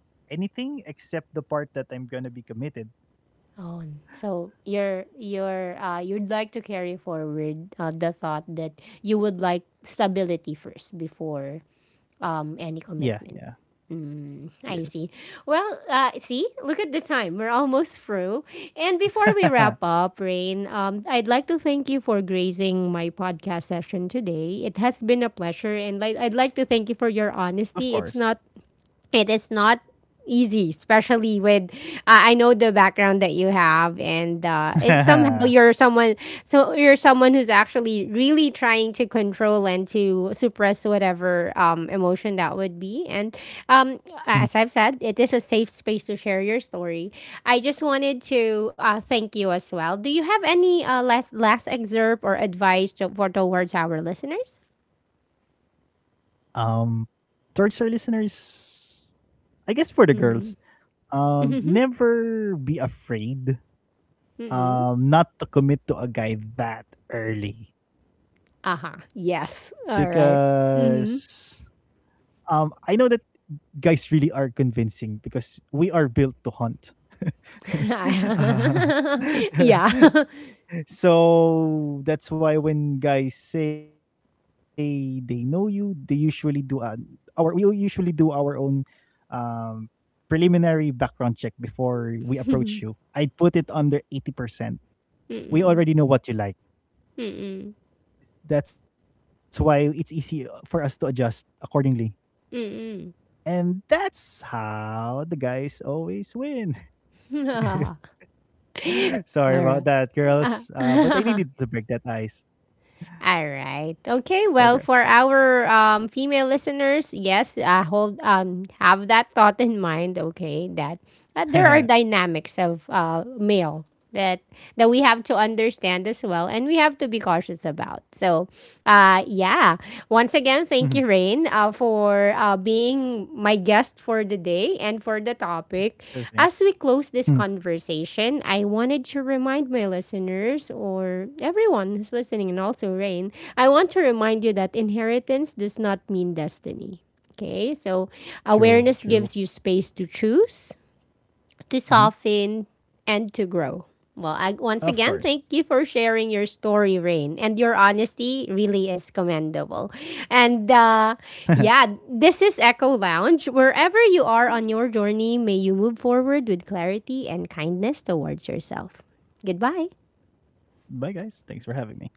Speaker 2: anything except the part that I'm gonna be committed.
Speaker 1: Oh, so you'd like to carry forward the thought that you would like stability first before
Speaker 2: Yeah,
Speaker 1: any
Speaker 2: yeah.
Speaker 1: commitment. Mm,
Speaker 2: Yes.
Speaker 1: I see. Well, see, look at the time. We're almost through. And before we wrap up, Rain, I'd like to thank you for grazing my podcast session today. It has been a pleasure, and like, I'd like to thank
Speaker 2: Of
Speaker 1: you for
Speaker 2: course.
Speaker 1: your honesty. It's not, it is not easy, especially with, I know the background that you have, and somehow you're someone, so you're someone who's actually really trying to control and to suppress whatever emotion that would be. And um
Speaker 2: Mhm.
Speaker 1: as I've said, it is a safe space to share your story. I just wanted to thank you as well. Do you have any last excerpt or advice to, for towards our listeners?
Speaker 2: Um, towards our listeners, I guess for the girls, um,
Speaker 1: Mm-hmm.
Speaker 2: never be afraid, not to commit to a guy that early,
Speaker 1: Uh huh. Yes. All right. Mm.
Speaker 2: because I know that guys really are convincing because we are built to hunt. Uh,
Speaker 1: Yeah. Hmm.
Speaker 2: so that's why when guys say they know you, they usually do, our we usually do our own, um, preliminary background check before we approach you. I put it under 80%. We already know what you like.
Speaker 1: Mm mm.
Speaker 2: That's why it's easy for us to adjust accordingly.
Speaker 1: Mm
Speaker 2: And that's how the guys always win.
Speaker 1: mm. All
Speaker 2: Sorry
Speaker 1: right.
Speaker 2: about that,
Speaker 1: Mm
Speaker 2: girls. But I
Speaker 1: mm.
Speaker 2: needed to break that ice.
Speaker 1: All
Speaker 2: So
Speaker 1: right.
Speaker 2: there.
Speaker 1: Okay. Well, for our female listeners, yes, hold have that thought in mind. Okay, that there are dynamics of male that that we have to understand as well, and we have to be cautious about. So
Speaker 2: Mhm.
Speaker 1: yeah, once again, thank you, Rain, for being my guest for the day and for the
Speaker 2: Sure
Speaker 1: topic.
Speaker 2: thing.
Speaker 1: As we close
Speaker 2: Hmm.
Speaker 1: this conversation, I wanted to remind my listeners, or everyone who's listening, and also Rain, I want to remind you that inheritance does not mean destiny. Okay, so
Speaker 2: True, true.
Speaker 1: awareness gives you space to choose, to
Speaker 2: Mhm.
Speaker 1: soften and to grow. Well, once
Speaker 2: Of
Speaker 1: again,
Speaker 2: course.
Speaker 1: thank you for sharing your story, Rain. And your honesty really is commendable. And yeah, this is Echo Lounge. Wherever you are on your journey, may you move forward with clarity and kindness towards yourself. Goodbye.
Speaker 2: Bye, guys. Thanks for having me.